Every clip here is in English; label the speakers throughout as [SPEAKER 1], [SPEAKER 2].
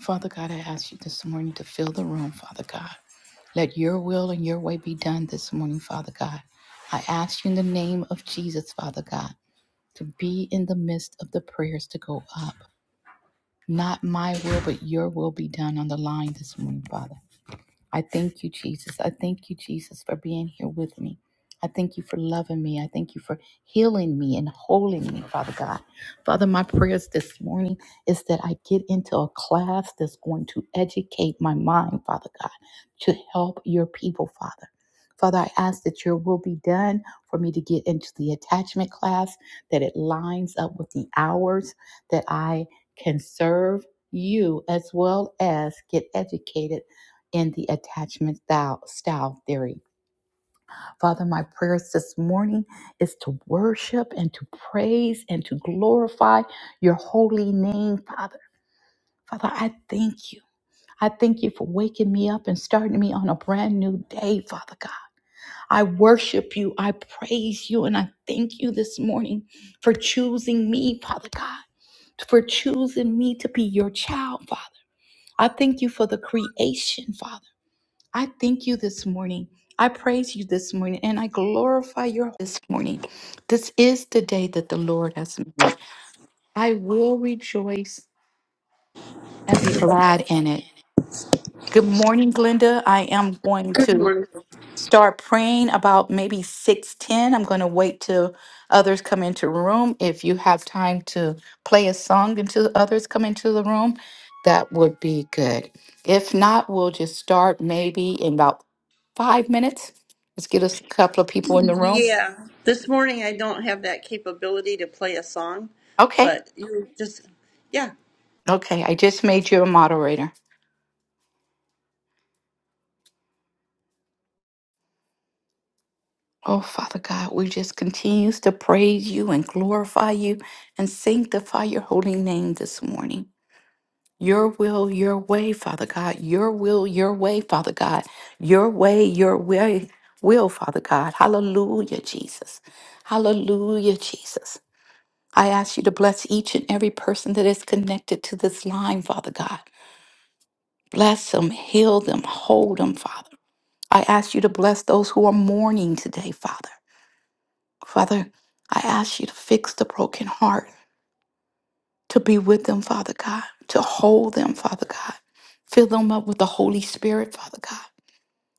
[SPEAKER 1] Father God, I ask you this morning to fill the room, Father God. Let your will and your way be done this morning, Father God. I ask you in the name of Jesus, Father God, to be in the midst of the prayers to go up. Not my will, but your will be done on the line this morning, Father. I thank you, Jesus. I thank you, Jesus, for being here with me. I thank you for loving me. I thank you for healing me and holding me, Father God. Father, my prayers this morning is that I get into a class that's going to educate my mind, Father God, to help your people, Father. Father, I ask that your will be done for me to get into the attachment class, that it lines up with the hours that I can serve you as well as get educated in the attachment style, style theory. Father, my prayers this morning is to worship and to praise and to glorify your holy name, Father. Father, I thank you. I thank you for waking me up and starting me on a brand new day, Father God. I worship you, I praise you, and I thank you this morning for choosing me, Father God for choosing me to be your child, Father. I thank you for the creation, Father. I thank you this morning. I praise you this morning and I glorify your this morning. This is the day that the Lord has made. I will rejoice and be glad in it. Good morning, Glenda. I am going
[SPEAKER 2] Good
[SPEAKER 1] to
[SPEAKER 2] morning.
[SPEAKER 1] start praying about maybe 610 i'm going to wait till others come into the room if you have time to play a song until others come into the room that would be good if not we'll just start maybe in about five minutes let's get us a couple of people in the room
[SPEAKER 2] Yeah, this morning I don't have that capability to play a song,
[SPEAKER 1] okay
[SPEAKER 2] but you just, yeah.
[SPEAKER 1] okay i just made you a moderator oh father god we just continues to praise you and glorify you and sanctify your holy name this morning Your will, your way, Father God. Your will, your way, Father God. Your way, your way, will, Father God. Hallelujah, Jesus. Hallelujah, Jesus. I ask you to bless each and every person that is connected to this line, Father God. Bless them, heal them, hold them, Father. I ask you to bless those who are mourning today, Father. Father, I ask you to fix the broken heart. to be with them, Father God, to hold them, Father God. Fill them up with the Holy Spirit, Father God.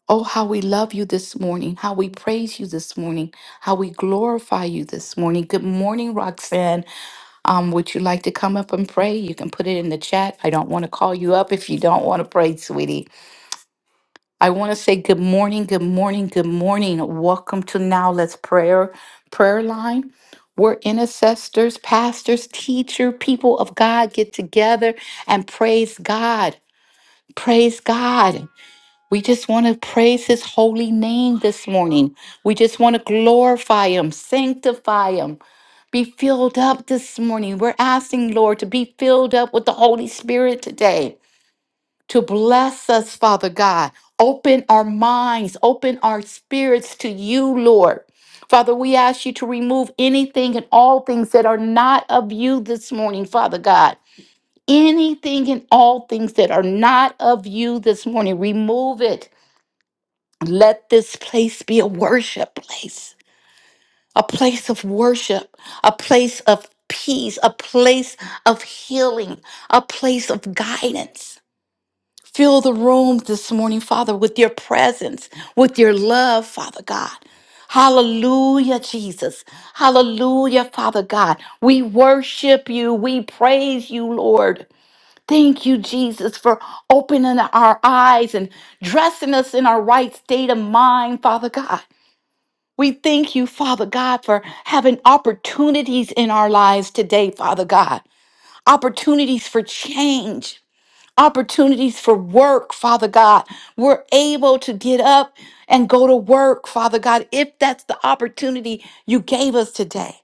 [SPEAKER 1] Oh, how we love you this morning, how we praise you this morning, how we glorify you this morning. Good morning, Roxanne. Um, would you like to come up and pray? You can put it in the chat. I don't want to call you up if you don't want to pray, sweetie. I want to say good morning, good morning, good morning. Welcome to Now Let's Prayer prayer line. We're intercessors, pastors, teacher, people of God get together and praise God. Praise God. We just want to praise his holy name this morning. We just want to glorify him, sanctify him, be filled up this morning. We're asking, Lord, to be filled up with the Holy Spirit today to bless us, Father God. Open our minds, open our spirits to you, Lord. Father, we ask you to remove anything and all things that are not of you this morning, Father God. Anything and all things that are not of you this morning, remove it. Let this place be a worship place, a place of worship, a place of peace, a place of healing, a place of guidance. Fill the room this morning, Father, with your presence, with your love, Father God. Hallelujah, Jesus. Hallelujah, Father God. We worship you. We praise you, Lord. Thank you, Jesus, for opening our eyes and dressing us in our right state of mind, Father God. We thank you, Father God, for having opportunities in our lives today, Father God. Opportunities for change opportunities for work, Father God. We're able to get up and go to work, Father God, if that's the opportunity you gave us today.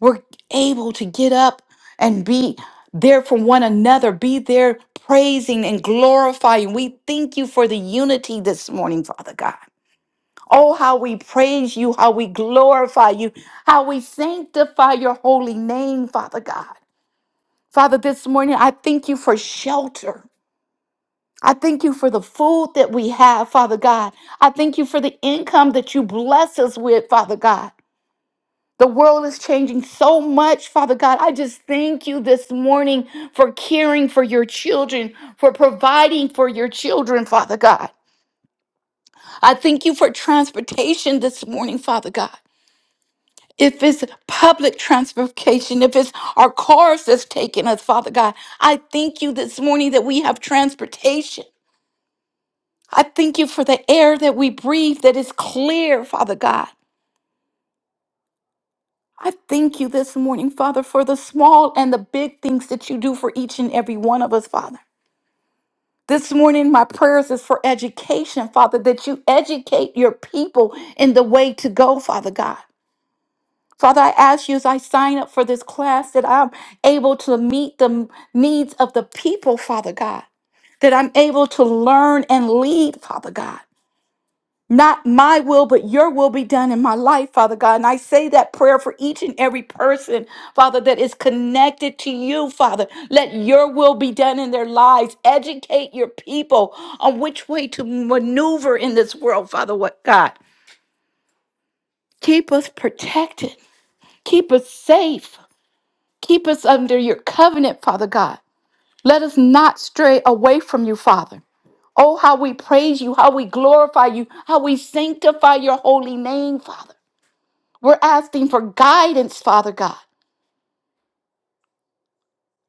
[SPEAKER 1] We're able to get up and be there for one another, be there praising and glorifying. We thank you for the unity this morning, Father God. Oh, how we praise you, how we glorify you, how we sanctify your holy name, Father God. Father, this morning I thank you for shelter. I thank you for the food that we have, Father God. I thank you for the income that you bless us with, Father God. The world is changing so much, Father God. I just thank you this morning for caring for your children, for providing for your children, Father God. I thank you for transportation this morning, Father God. If it's public transportation, if it's our cars that's taking us, Father God, I thank you this morning that we have transportation. I thank you for the air that we breathe that is clear, Father God. I thank you this morning, Father, for the small and the big things that you do for each and every one of us, Father. This morning, my prayers is for education, Father, that you educate your people in the way to go, Father God. Father, I ask you as I sign up for this class that I'm able to meet the needs of the people, Father God, that I'm able to learn and lead, Father God. Not my will, but your will be done in my life, Father God. And I say that prayer for each and every person, Father, that is connected to you, Father. Let your will be done in their lives. Educate your people on which way to maneuver in this world, Father what God. Keep us protected. Keep us safe. Keep us under your covenant, Father God. Let us not stray away from you, Father. Oh, how we praise you, how we glorify you, how we sanctify your holy name, Father. We're asking for guidance, Father God.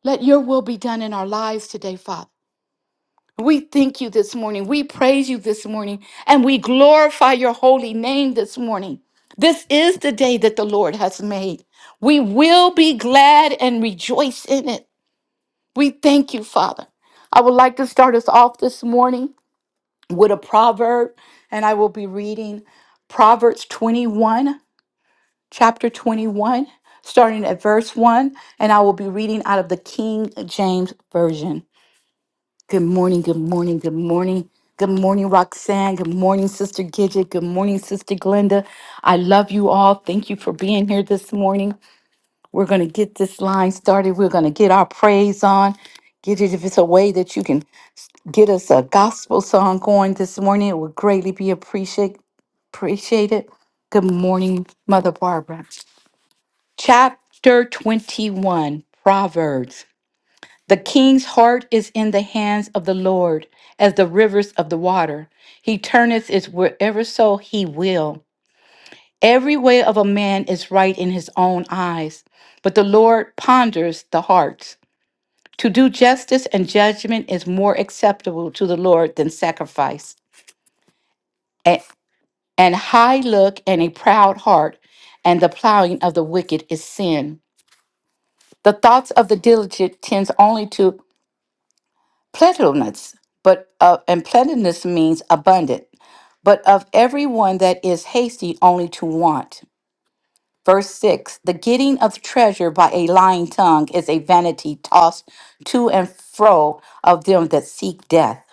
[SPEAKER 1] Let your will be done in our lives today, Father. We thank you this morning. We praise you this morning. And we glorify your holy name this morning. This is the day that the Lord has made. We will be glad and rejoice in it. We thank you, Father. I would like to start us off this morning with a proverb, and I will be reading Proverbs twenty-one. chapter 21, starting at verse 1, and I will be reading out of the King James Version. Good morning, good morning, good morning. Good morning, Roxanne. Good morning, Sister Gidget. Good morning, Sister Glenda. I love you all. Thank you for being here this morning. We're going to get this line started. We're going to get our praise on. Gidget, if it's a way that you can get us a gospel song going this morning, it would greatly be appreciate, appreciated. Good morning, Mother Barbara. Chapter 21 Proverbs The king's heart is in the hands of the Lord, as the rivers of the water. He turneth it wherever so he will. Every way of a man is right in his own eyes, but the Lord ponders the hearts. To do justice and judgment is more acceptable to the Lord than sacrifice. A- An high look and a proud heart, and the plowing of the wicked is sin. The thoughts of the diligent tends only to plentifulness, but uh, and plentifulness means abundant. But of everyone that is hasty, only to want. Verse six: The getting of treasure by a lying tongue is a vanity tossed to and fro of them that seek death.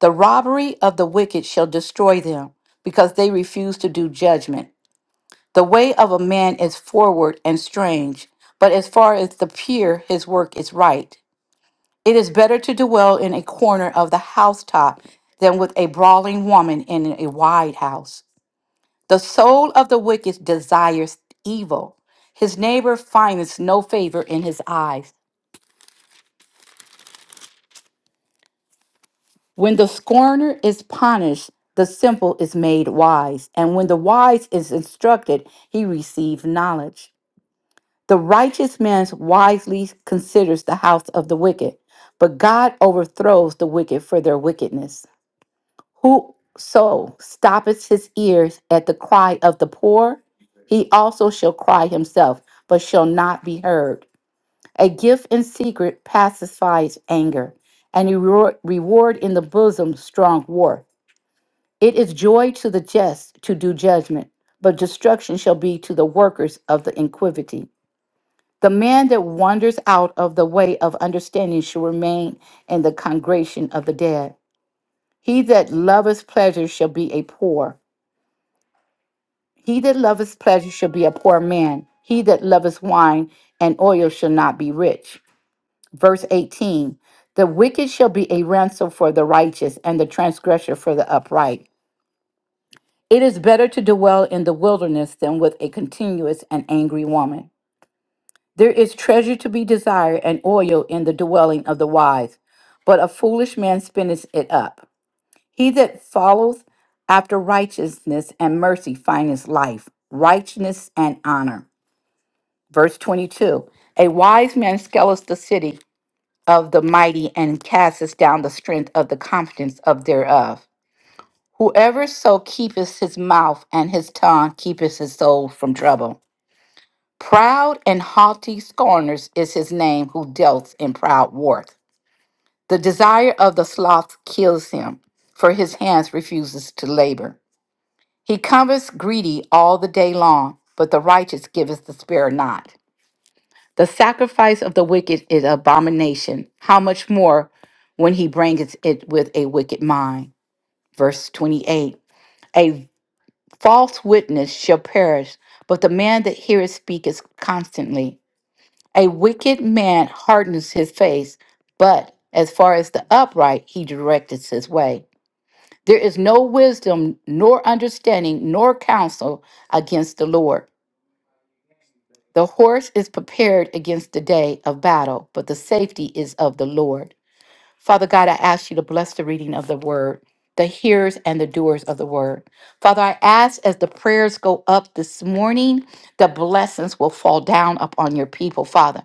[SPEAKER 1] The robbery of the wicked shall destroy them, because they refuse to do judgment. The way of a man is forward and strange, but as far as the pure, his work is right. It is better to dwell in a corner of the housetop than with a brawling woman in a wide house. The soul of the wicked desires evil. His neighbor finds no favor in his eyes. When the scorner is punished, the simple is made wise, and when the wise is instructed, he receives knowledge. The righteous man wisely considers the house of the wicked, but God overthrows the wicked for their wickedness. Whoso stoppeth his ears at the cry of the poor, he also shall cry himself, but shall not be heard. A gift in secret pacifies anger, and a rewar- reward in the bosom strong war. It is joy to the just to do judgment, but destruction shall be to the workers of the iniquity. The man that wanders out of the way of understanding shall remain in the congregation of the dead. He that loveth pleasure shall be a poor. He that loveth pleasure shall be a poor man. He that loveth wine and oil shall not be rich. Verse 18 The wicked shall be a ransom for the righteous, and the transgressor for the upright. It is better to dwell in the wilderness than with a continuous and angry woman. There is treasure to be desired and oil in the dwelling of the wise, but a foolish man spinneth it up. He that followeth after righteousness and mercy findeth life, righteousness and honor. Verse 22 A wise man scaleth the city of the mighty and casteth down the strength of the confidence of thereof. Whoever so keepeth his mouth and his tongue keepeth his soul from trouble. Proud and haughty scorners is his name who dealt in proud worth. The desire of the sloth kills him, for his hands refuses to labor. He cometh greedy all the day long, but the righteous giveth the spare not. The sacrifice of the wicked is abomination. How much more when he brings it with a wicked mind? Verse 28 A false witness shall perish, but the man that heareth speaketh constantly. A wicked man hardens his face, but as far as the upright, he directeth his way. There is no wisdom, nor understanding, nor counsel against the Lord. The horse is prepared against the day of battle, but the safety is of the Lord. Father God, I ask you to bless the reading of the word, the hearers and the doers of the word. Father, I ask as the prayers go up this morning, the blessings will fall down upon your people, Father.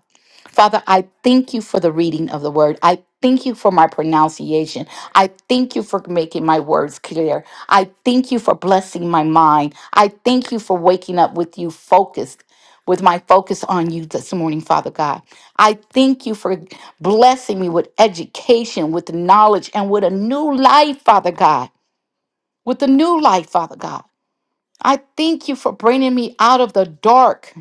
[SPEAKER 1] Father, I thank you for the reading of the word. I thank you for my pronunciation. I thank you for making my words clear. I thank you for blessing my mind. I thank you for waking up with you focused, with my focus on you this morning, Father God. I thank you for blessing me with education, with knowledge, and with a new life, Father God. With a new life, Father God. I thank you for bringing me out of the dark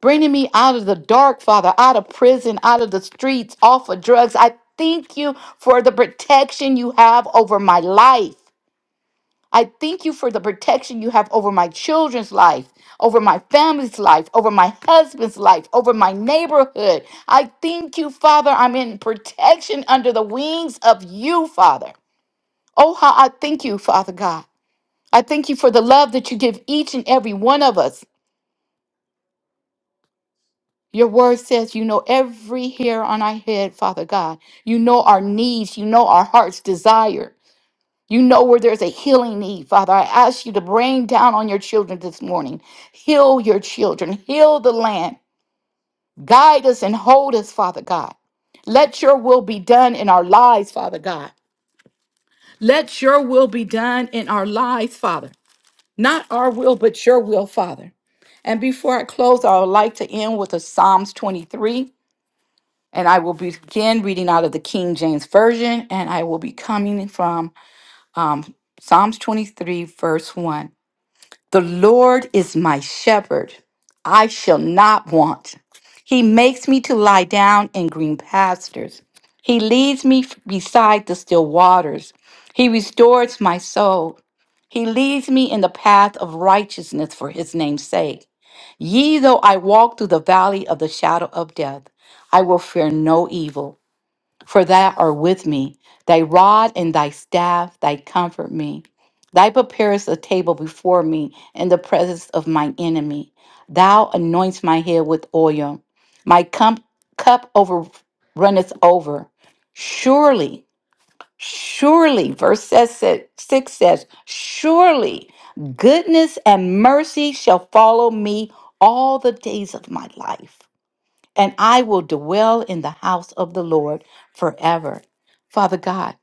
[SPEAKER 1] bringing me out of the dark, Father, out of prison, out of the streets, off of drugs. I thank you for the protection you have over my life. I thank you for the protection you have over my children's life, over my family's life, over my husband's life, over my neighborhood. I thank you, Father. I'm in protection under the wings of you, Father. Oh, how I thank you, Father God. I thank you for the love that you give each and every one of us. Your word says you know every hair on our head, Father God. You know our needs. You know our heart's desire. You know where there's a healing need, Father. I ask you to rain down on your children this morning. Heal your children. Heal the land. Guide us and hold us, Father God. Let your will be done in our lives, Father God. Let your will be done in our lives, Father. Not our will, but your will, Father. And before I close, I would like to end with a Psalms 23. And I will begin reading out of the King James Version, and I will be coming from Psalms 23, verse 1. The Lord is my shepherd, I shall not want. He makes me to lie down in green pastures. He leads me f- beside the still waters. He restores my soul. He leads me in the path of righteousness for his name's sake. Yea, though I walk through the valley of the shadow of death, I will fear no evil for thou art with me. Thy rod and thy staff, they comfort me. Thou preparest a table before me in the presence of my enemy. Thou anoints my head with oil. My cum- cup over runneth over. Surely, surely, verse says, said- 6 says, surely goodness and mercy shall follow me all the days of my life and I will dwell in the house of the Lord forever. Father God,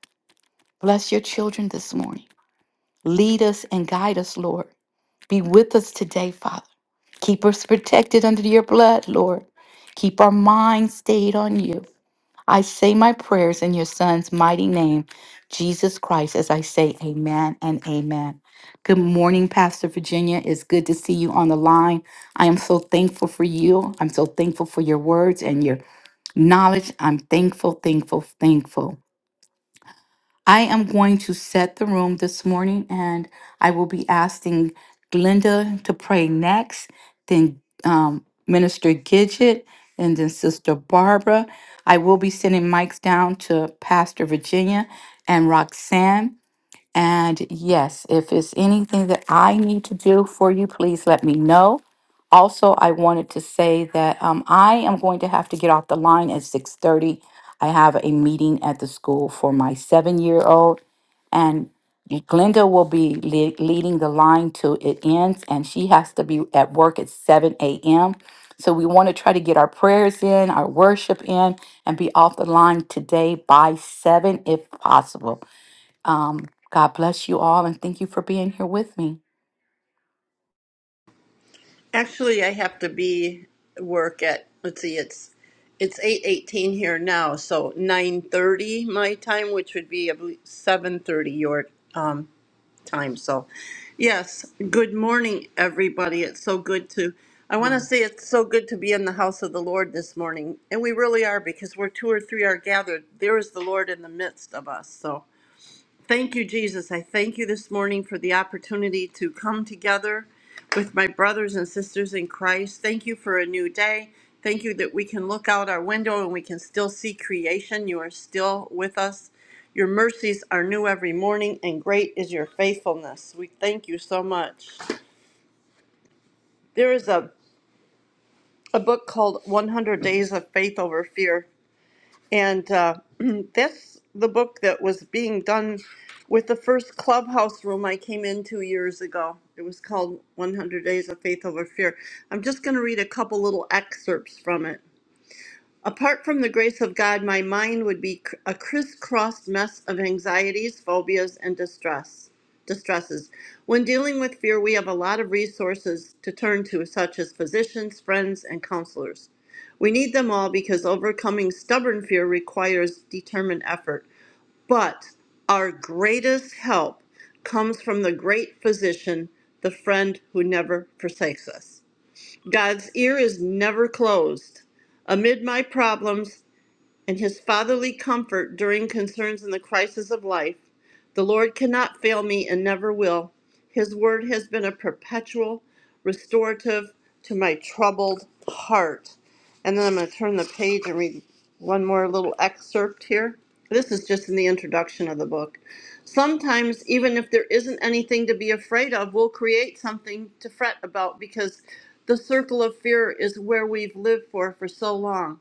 [SPEAKER 1] bless your children this morning. Lead us and guide us, Lord. Be with us today, Father. Keep us protected under your blood, Lord. Keep our minds stayed on you. I say my prayers in your son's mighty name, Jesus Christ, as I say amen and amen. Good morning, Pastor Virginia. It's good to see you on the line. I am so thankful for you. I'm so thankful for your words and your knowledge. I'm thankful, thankful, thankful. I am going to set the room this morning and I will be asking Glenda to pray next, then um, Minister Gidget, and then Sister Barbara. I will be sending mics down to Pastor Virginia and Roxanne. And yes, if it's anything that I need to do for you, please let me know. Also, I wanted to say that um, I am going to have to get off the line at 6:30. I have a meeting at the school for my seven-year-old, and Glenda will be le- leading the line till it ends, and she has to be at work at 7 a.m. So we want to try to get our prayers in, our worship in, and be off the line today by 7 if possible. Um, God bless you all and thank you for being here with me.
[SPEAKER 2] Actually, I have to be work at. Let's see, it's it's eight eighteen here now, so nine thirty my time, which would be I believe seven thirty your. um, time. So, yes, good morning, everybody. It's so good to, I want to say it's so good to be in the house of the Lord this morning. And we really are because where two or three are gathered, there is the Lord in the midst of us. So, Thank you, Jesus. I thank you this morning for the opportunity to come together with my brothers and sisters in Christ. Thank you for a new day. Thank you that we can look out our window and we can still see creation. You are still with us. Your mercies are new every morning, and great is your faithfulness. We thank you so much. There is a, a book called 100 Days of Faith Over Fear And uh, that's the book that was being done with the first clubhouse room I came in two years ago. It was called 100 Days of Faith Over Fear. I'm just going to read a couple little excerpts from it. Apart from the grace of God, my mind would be cr- a crisscrossed mess of anxieties, phobias, and distress. Distresses. When dealing with fear, we have a lot of resources to turn to, such as physicians, friends, and counselors. We need them all because overcoming stubborn fear requires determined effort. But our greatest help comes from the great physician, the friend who never forsakes us. God's ear is never closed. Amid my problems, and his fatherly comfort during concerns in the crisis of life. The Lord cannot fail me and never will. His word has been a perpetual restorative to my troubled heart. And then I'm going to turn the page and read one more little excerpt here. This is just in the introduction of the book. Sometimes, even if there isn't anything to be afraid of, we'll create something to fret about because the circle of fear is where we've lived for for so long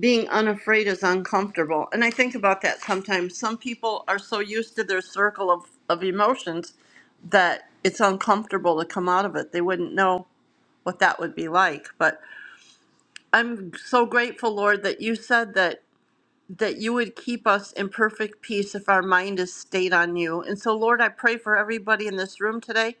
[SPEAKER 2] being unafraid is uncomfortable. And I think about that sometimes. Some people are so used to their circle of, of emotions that it's uncomfortable to come out of it. They wouldn't know what that would be like. But I'm so grateful, Lord, that you said that that you would keep us in perfect peace if our mind is stayed on you. And so Lord, I pray for everybody in this room today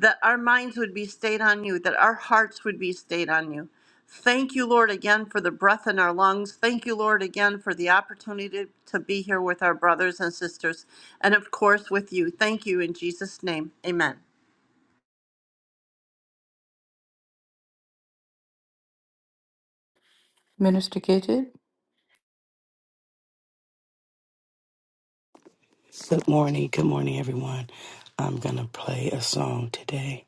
[SPEAKER 2] that our minds would be stayed on you, that our hearts would be stayed on you. Thank you, Lord, again for the breath in our lungs. Thank you, Lord, again for the opportunity to be here with our brothers and sisters, and of course with you. Thank you in Jesus' name. Amen.
[SPEAKER 1] Minister Gidget.
[SPEAKER 3] Good morning. Good morning, everyone. I'm going to play a song today.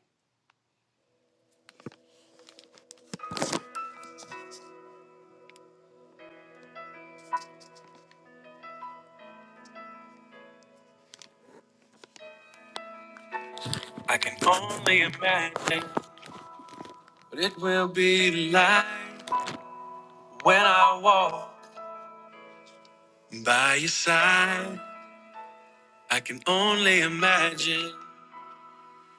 [SPEAKER 3] I can only imagine what it will be like when I walk by your side. I can only imagine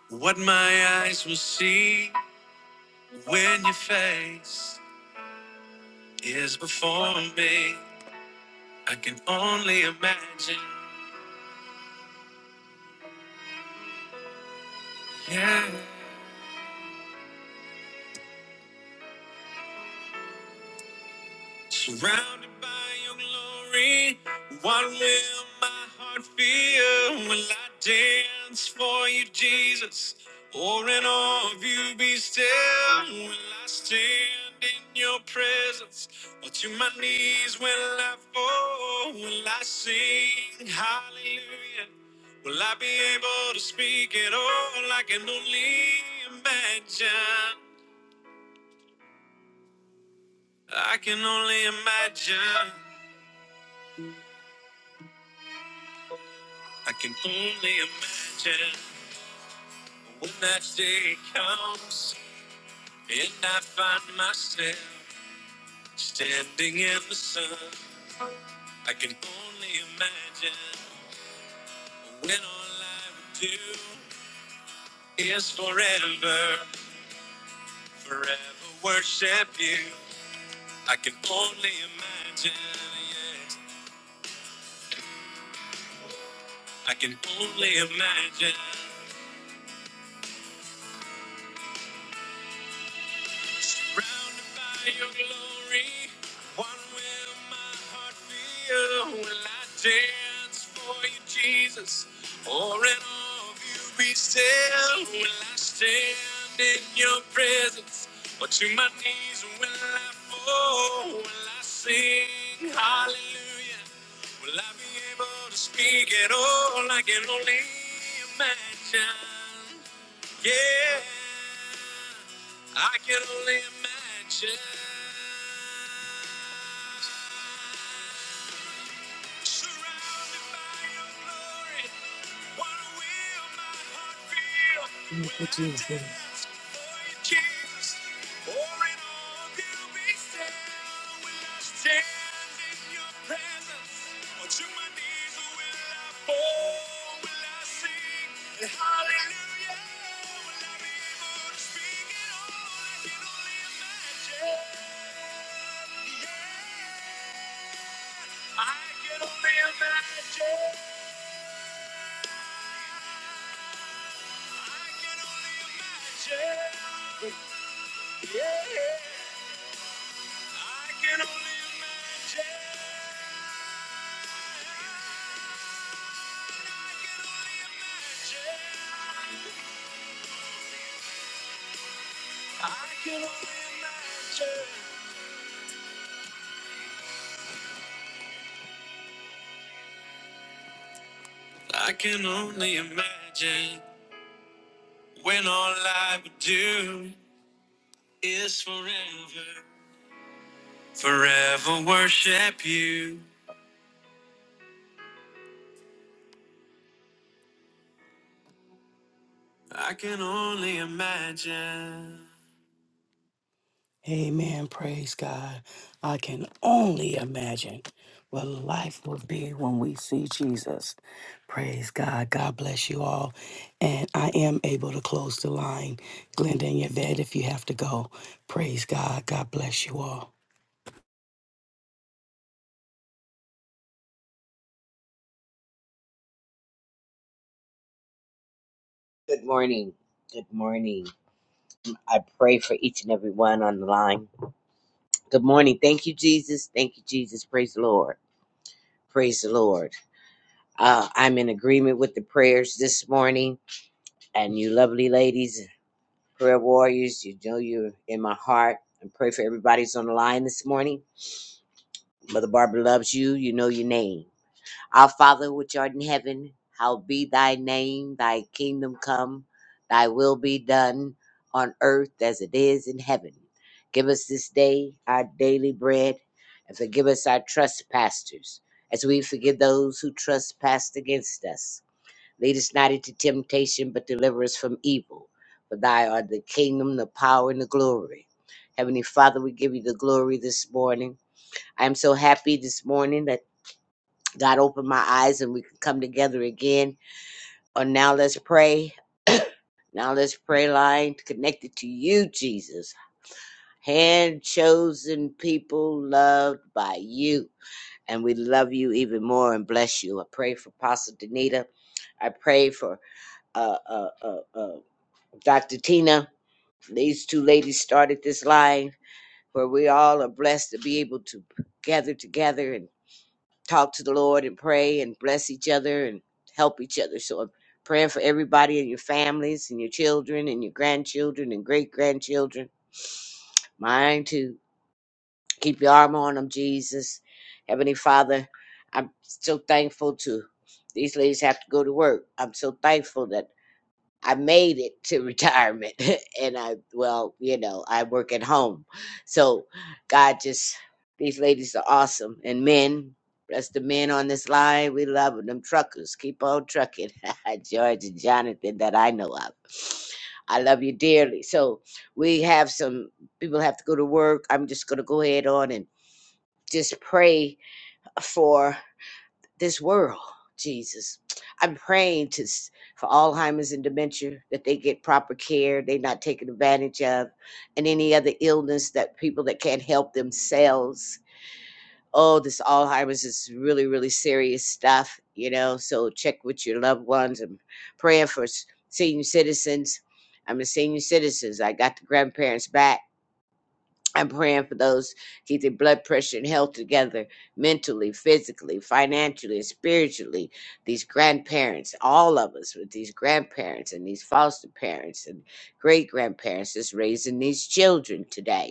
[SPEAKER 3] what my eyes will see when your face is before me. I can only imagine. Yeah. Surrounded by your glory, what will my heart feel? Will I dance for you, Jesus? Or in awe of you be still? Will I stand in your presence? Or to my knees will I fall? Will I sing hallelujah? Will I be able to speak at all? I can only imagine. I can only imagine. I can only imagine when that day comes and I find myself standing in the sun. I can only imagine when all I would do is forever, forever worship you. I can only imagine, yes, I can only imagine Surrounded by your glory, one will my heart feel. Will I dance for you, Jesus? Or in all of you be still? Will I stand in your presence? Or to my knees will I fall? Will I sing hallelujah? Will I be able to speak at all? I can only imagine. Yeah. I can only imagine. Surrounded by your glory. Thank you, Jesus. Yeah. I can only imagine. I can only imagine. I can only imagine when all I would do is forever, forever worship you. I can only imagine. Amen. Praise God. I can only imagine what life will be when we see Jesus. Praise God. God bless you all. And I am able to close the line. Glenda and Yvette, if you have to go, praise God. God bless you all.
[SPEAKER 4] Good morning. Good morning. I pray for each and every one on the line. Good morning. Thank you, Jesus. Thank you, Jesus. Praise the Lord. Praise the Lord. Uh, I'm in agreement with the prayers this morning. And you lovely ladies, prayer warriors, you know you're in my heart. And pray for everybody's on the line this morning. Mother Barbara loves you. You know your name. Our Father which art in heaven, hallowed be thy name, thy kingdom come, thy will be done on earth as it is in heaven. Give us this day our daily bread, and forgive us our trespasses, as we forgive those who trespass against us. Lead us not into temptation, but deliver us from evil. For thy art the kingdom, the power, and the glory. Heavenly Father, we give you the glory this morning. I am so happy this morning that God open my eyes and we can come together again on Now Let's Pray. Now Let's Pray line connected to you, Jesus. Hand chosen people loved by you. And we love you even more and bless you. I pray for Pastor Danita. I pray for uh, uh, uh, uh, Dr. Tina. These two ladies started this line where we all are blessed to be able to gather together and. talk to the Lord and pray and bless each other and help each other. So I'm praying for everybody and your families and your children and your grandchildren and great grandchildren. Mine too. Keep your arm on them, Jesus. Heavenly Father, I'm so thankful to these ladies have to go to work. I'm so thankful that I made it to retirement and I well, you know, I work at home. So God just these ladies are awesome and men, rest the men on this line, we love them truckers. Keep on trucking. George and Jonathan that I know of. I love you dearly. So we have some people have to go to work. I'm just gonna go ahead on and just pray for this world, Jesus. I'm praying to s- for Alzheimer's and dementia that they get proper care, they're not taken advantage of, and any other illness that people that can't help themselves. Oh, this Alzheimer's is really, really serious stuff, you know. So check with your loved ones. I'm praying for s- senior citizens. I'm a senior citizen. I got the grandparents back I'm praying for those keep their blood pressure and health together mentally, physically, financially, and spiritually. These grandparents, all of us with these grandparents and these foster parents and great grandparents that's raising these children today.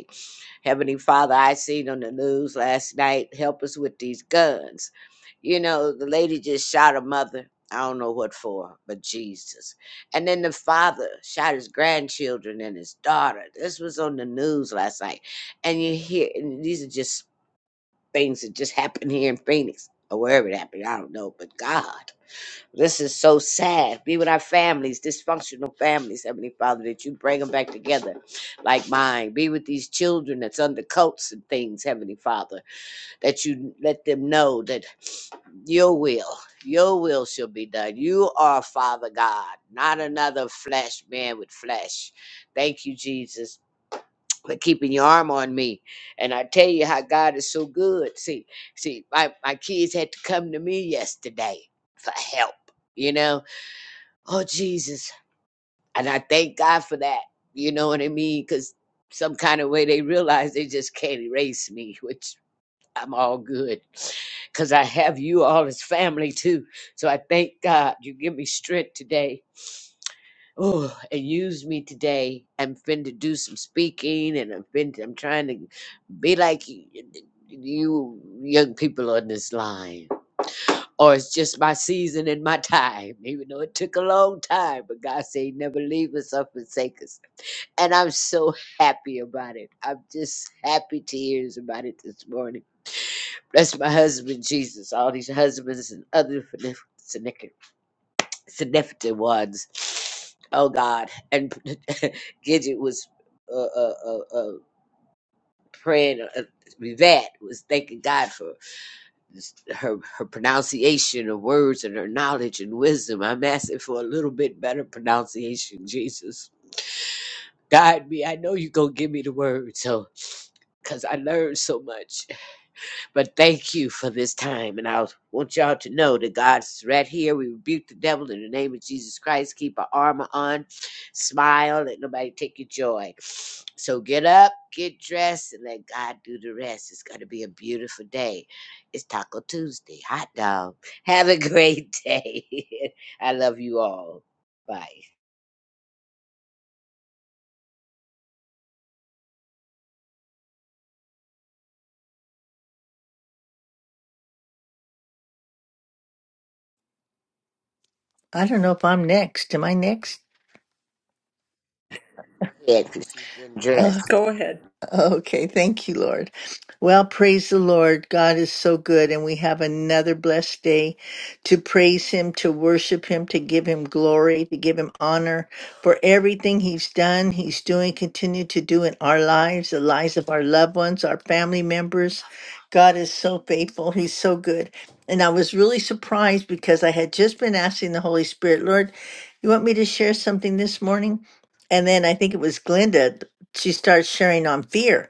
[SPEAKER 4] Heavenly Father, I seen on the news last night, help us with these guns. You know, the lady just shot her mother. I don't know what for, but Jesus. And then the father shot his grandchildren and his daughter. This was on the news last night. And you hear, and these are just things that just happened here in Phoenix or wherever it happened. I don't know, but God. This is so sad. Be with our families, dysfunctional families, Heavenly Father, that you bring them back together like mine. Be with these children that's under cults and things, Heavenly Father, that you let them know that your will, your will shall be done. You are Father God, not another flesh man with flesh. Thank you, Jesus. For keeping your arm on me. And I tell you how God is so good. See, see, my, my kids had to come to me yesterday for help, you know? oh Jesus. And I thank God for that. You know what I mean? Because some kind of way they realize they just can't erase me, which I'm all good. Because I have you all as family too. So I thank God you give me strength today. Oh, and use me today. I'm fin to do some speaking and I'm fin I'm trying to be like you, you young people on this line or it's just my season and my time, even though it took a long time. But God said, He never leave us or forsake us. And I'm so happy about it. I'm just happy to tears about it this morning. Bless my husband, Jesus, all these husbands and other significant significant ones. Oh, God. And Gidget was uh, uh, uh, uh, praying, uh, Yvette was thanking God for. her her pronunciation of words and her knowledge and wisdom. I'm asking for a little bit better pronunciation, Jesus. Guide me. I know you're going to give me the word, so because I learned so much. But thank you for this time. And I want y'all to know that God's right here. We rebuke the devil in the name of Jesus Christ. Keep our armor on. Smile. Let nobody take your joy. So get up, get dressed, and let God do the rest. It's going to be a beautiful day. It's Taco Tuesday. Hot dog. Have a great day. I love you all. Bye.
[SPEAKER 5] I don't know if I'm next. Am I next?
[SPEAKER 4] Go ahead, 'cause she's getting
[SPEAKER 5] Uh,
[SPEAKER 4] dressed.
[SPEAKER 2] Go ahead.
[SPEAKER 5] Okay, thank you, Lord. Well, praise the Lord. God is so good, and we have another blessed day to praise Him, to worship Him, to give Him glory, to give Him honor for everything He's done, He's doing, continue to do in our lives, the lives of our loved ones, our family members. God is so faithful. He's so good. And I was really surprised because I had just been asking the Holy Spirit, Lord, you want me to share something this morning? And then I think it was Glenda she starts sharing on fear.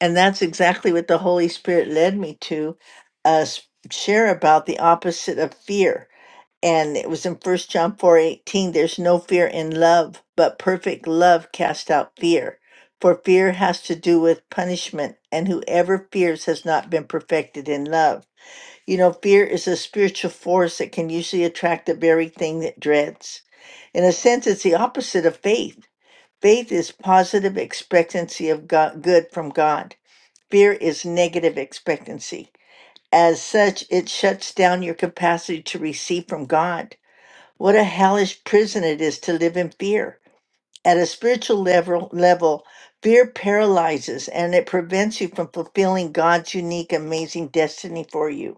[SPEAKER 5] And that's exactly what the Holy Spirit led me to uh, s- share about the opposite of fear. And it was in First John 4 18. there's no fear in love, but perfect love cast out fear. For fear has to do with punishment, and whoever fears has not been perfected in love. You know, fear is a spiritual force that can usually attract the very thing that dreads. In a sense, it's the opposite of faith Faith is positive expectancy of God, good from God. Fear is negative expectancy. As such, it shuts down your capacity to receive from God. What a hellish prison it is to live in fear. At a spiritual level, level, fear paralyzes and it prevents you from fulfilling God's unique, amazing destiny for you.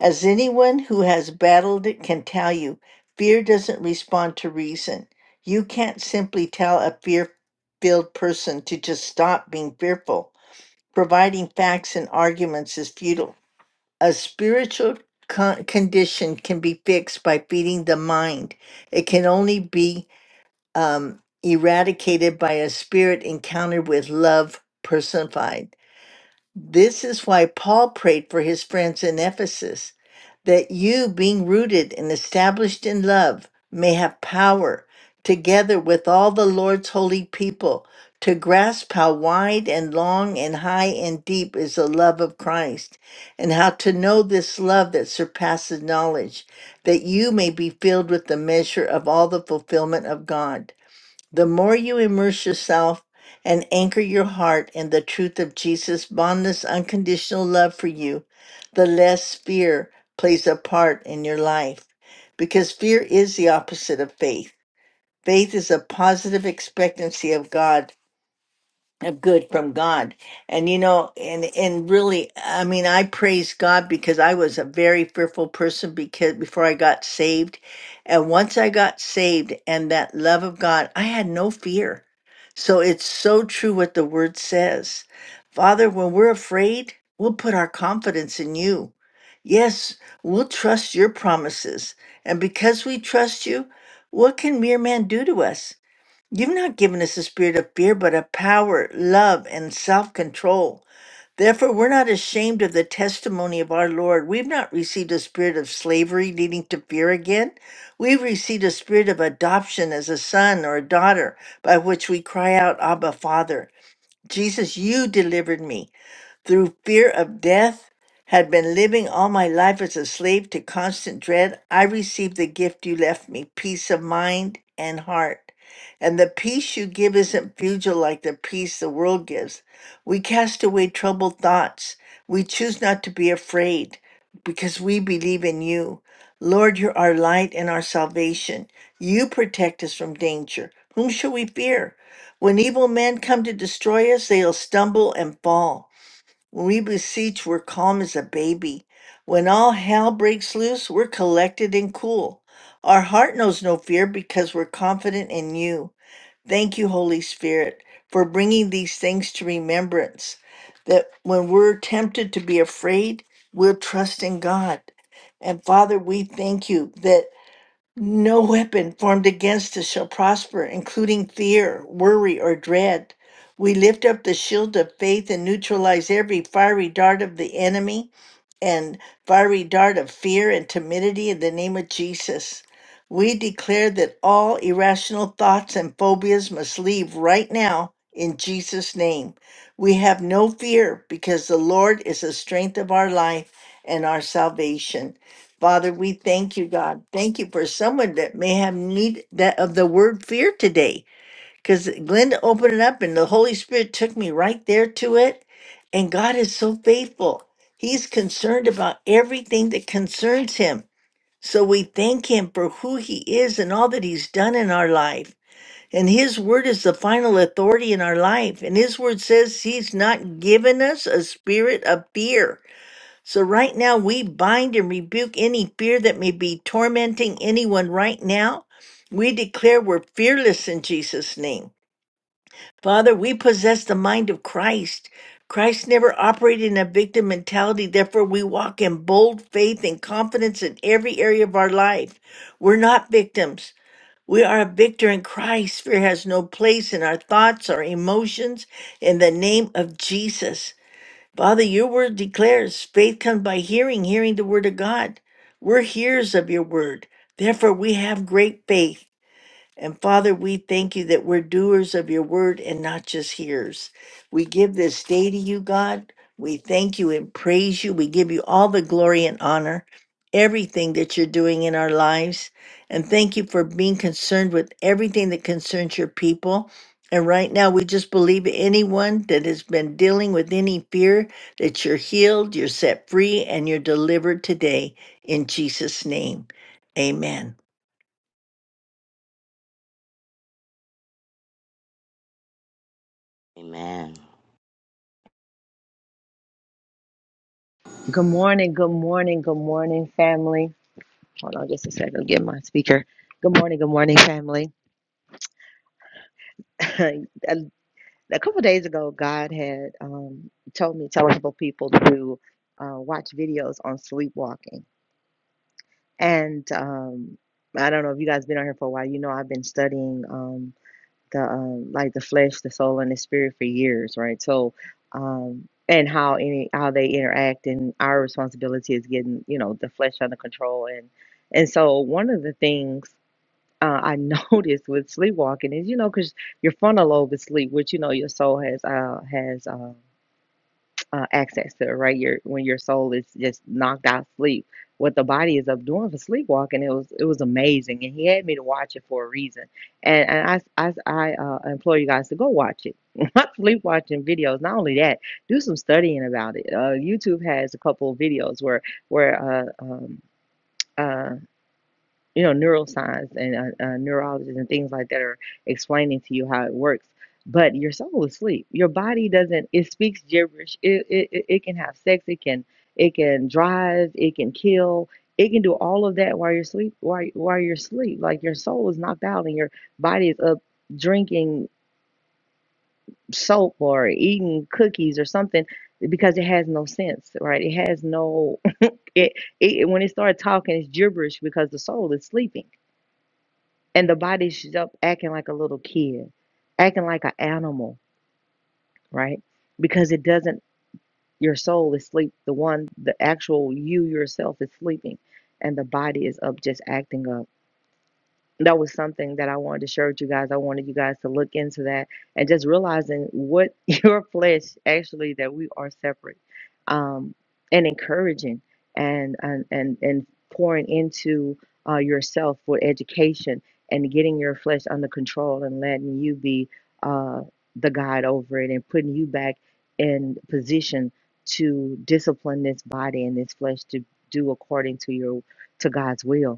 [SPEAKER 5] As anyone who has battled it can tell you, fear doesn't respond to reason. You can't simply tell a fear filled person to just stop being fearful. Providing facts and arguments is futile. A spiritual con- condition can be fixed by feeding the mind, it can only be um, eradicated by a spirit encountered with love personified. This is why Paul prayed for his friends in Ephesus that you, being rooted and established in love, may have power, together with all the Lord's holy people, to grasp how wide and long and high and deep is the love of Christ, and how to know this love that surpasses knowledge, that you may be filled with the measure of all the fulfillment of God. The more you immerse yourself and anchor your heart in the truth of Jesus' boundless, unconditional love for you, the less fear plays a part in your life. Because fear is the opposite of faith. Faith is a positive expectancy of God of good from God. And you know, and and really, I mean, I praise God because I was a very fearful person because before I got saved. And once I got saved and that love of God, I had no fear. So it's so true what the word says. Father, when we're afraid, we'll put our confidence in you. Yes, we'll trust your promises. And because we trust you, what can mere man do to us? You've not given us a spirit of fear, but of power, love, and self control. Therefore, we're not ashamed of the testimony of our Lord. We've not received a spirit of slavery leading to fear again. We've received a spirit of adoption as a son or a daughter, by which we cry out, Abba, Father. Jesus, you delivered me through fear of death, had been living all my life as a slave to constant dread, I received the gift you left me peace of mind and heart. And the peace you give isn't fugile like the peace the world gives. We cast away troubled thoughts. We choose not to be afraid because we believe in you. Lord, you're our light and our salvation. You protect us from danger. Whom shall we fear? When evil men come to destroy us, they'll stumble and fall. When we beseech, we're calm as a baby. When all hell breaks loose, we're collected and cool. Our heart knows no fear because we're confident in you. Thank you, Holy Spirit, for bringing these things to remembrance. That when we're tempted to be afraid, we'll trust in God. And Father, we thank you that. No weapon formed against us shall prosper, including fear, worry, or dread. We lift up the shield of faith and neutralize every fiery dart of the enemy and fiery dart of fear and timidity in the name of Jesus. We declare that all irrational thoughts and phobias must leave right now in Jesus' name. We have no fear because the Lord is the strength of our life and our salvation. Father, we thank you, God. Thank you for someone that may have need that of the word fear today because Glenda opened it up and the Holy Spirit took me right there to it. And God is so faithful. He's concerned about everything that concerns him. So we thank him for who he is and all that he's done in our life. And his word is the final authority in our life. And his word says he's not given us a spirit of fear. So right now we bind and rebuke any fear that may be tormenting anyone right now. We declare we're fearless in Jesus' name. Father, we possess the mind of Christ. Christ never operated in a victim mentality. Therefore, we walk in bold faith and confidence in every area of our life. We're not victims. We are a victor in Christ. Fear has no place in our thoughts or emotions in the name of Jesus. Father, your word declares faith comes by hearing, hearing the word of God. We're hearers of your word. Therefore, we have great faith. And Father, we thank you that we're doers of your word and not just hearers. We give this day to you, God. We thank you and praise you. We give you all the glory and honor, everything that you're doing in our lives. And thank you for being concerned with everything that concerns your people. And right now, we just believe anyone that has been dealing with any fear that you're healed, you're set free, and you're delivered today in Jesus' name. Amen.
[SPEAKER 4] Amen.
[SPEAKER 6] Good morning, good morning, good morning, family. Hold on just a second, get my speaker. Good morning, good morning, family. a, a couple days ago, God had um, told me, telling people to uh, watch videos on sleepwalking. And um, I don't know if you guys been on here for a while, you know, I've been studying. um, the um, like the flesh, the soul, and the spirit for years, right? So, um, and how any how they interact, and our responsibility is getting you know the flesh under control, and and so one of the things uh, I noticed with sleepwalking is you know because your frontal lobe is sleep, which you know your soul has uh has uh uh, access to, right? Your when your soul is just knocked out sleep. What the body is up doing for sleepwalking, it was it was amazing, and he had me to watch it for a reason. And, and I I, I uh, implore you guys to go watch it. Not Sleep watching videos. Not only that, do some studying about it. Uh, YouTube has a couple of videos where where uh, um, uh, you know, neuroscience and uh, uh, neurologists and things like that are explaining to you how it works. But your soul is asleep. Your body doesn't. It speaks gibberish. It it it it can have sex. It can it can drive. It can kill. It can do all of that while you're sleep. While while you're asleep, like your soul is knocked out and your body is up drinking soap or eating cookies or something because it has no sense, right? It has no. It, it when it starts talking, it's gibberish because the soul is sleeping and the body's up acting like a little kid, acting like an animal, right? Because it doesn't, your soul is sleep. The one, the actual you yourself is sleeping, and the body is up just acting up that was something that I wanted to share with you guys. I wanted you guys to look into that and just realizing what your flesh actually that we are separate, um, and encouraging and and and, and pouring into uh, yourself for education and getting your flesh under control and letting you be uh, the guide over it and putting you back in position to discipline this body and this flesh to do according to your to God's will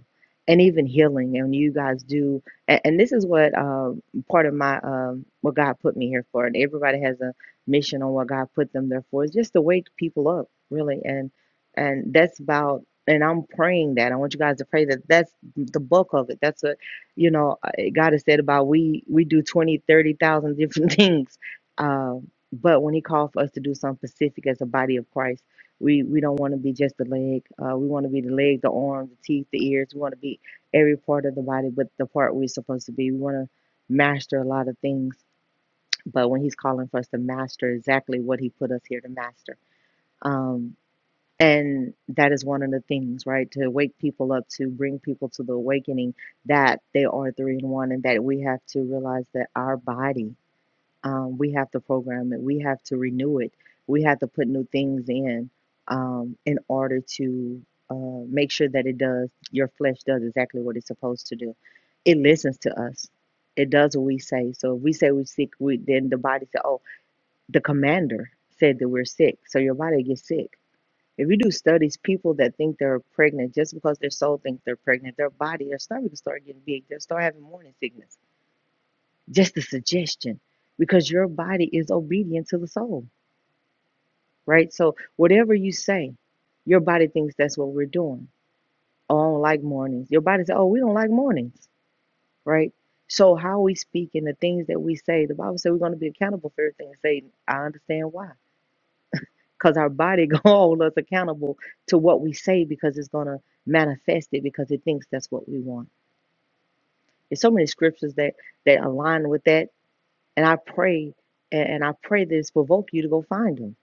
[SPEAKER 6] and even healing and you guys do and, and this is what um part of my um what god put me here for and everybody has a mission on what god put them there for It's just to wake people up really and and that's about and i'm praying that i want you guys to pray that that's the bulk of it that's what you know uh, god has said about we we do 20, 30,000 different things um but when he called for us to do something specific as a body of christ we we don't want to be just the leg. Uh, we want to be the leg, the arm, the teeth, the ears. We want to be every part of the body, but the part we're supposed to be. We want to master a lot of things. But when He's calling for us to master exactly what He put us here to master, um, and that is one of the things, right? To wake people up, to bring people to the awakening that they are three in one, and that we have to realize that our body um, we have to program it. We have to renew it. We have to put new things in um, in order to uh, make sure that it does, your flesh does exactly what it's supposed to do. It listens to us. It does what we say. So if we say we're sick, we, then the body says, oh, the commander said that we're sick. So your body gets sick. If you do studies, people that think they're pregnant, just because their soul thinks they're pregnant, their body, their stomach will start getting big. They'll start having morning sickness just a suggestion because your body is obedient to the soul, right? So whatever you say, your body thinks that's what we're doing. Oh, I don't like mornings. Your body says, oh, we don't like mornings, right? So how we speak and the things that we say, the Bible says we're going to be accountable for everything we say. I understand why. Because our body going to hold us accountable to what we say because it's going to manifest it because it thinks that's what we want. There's so many scriptures that, that align with that. And I pray, and and I pray this provoke you to go find them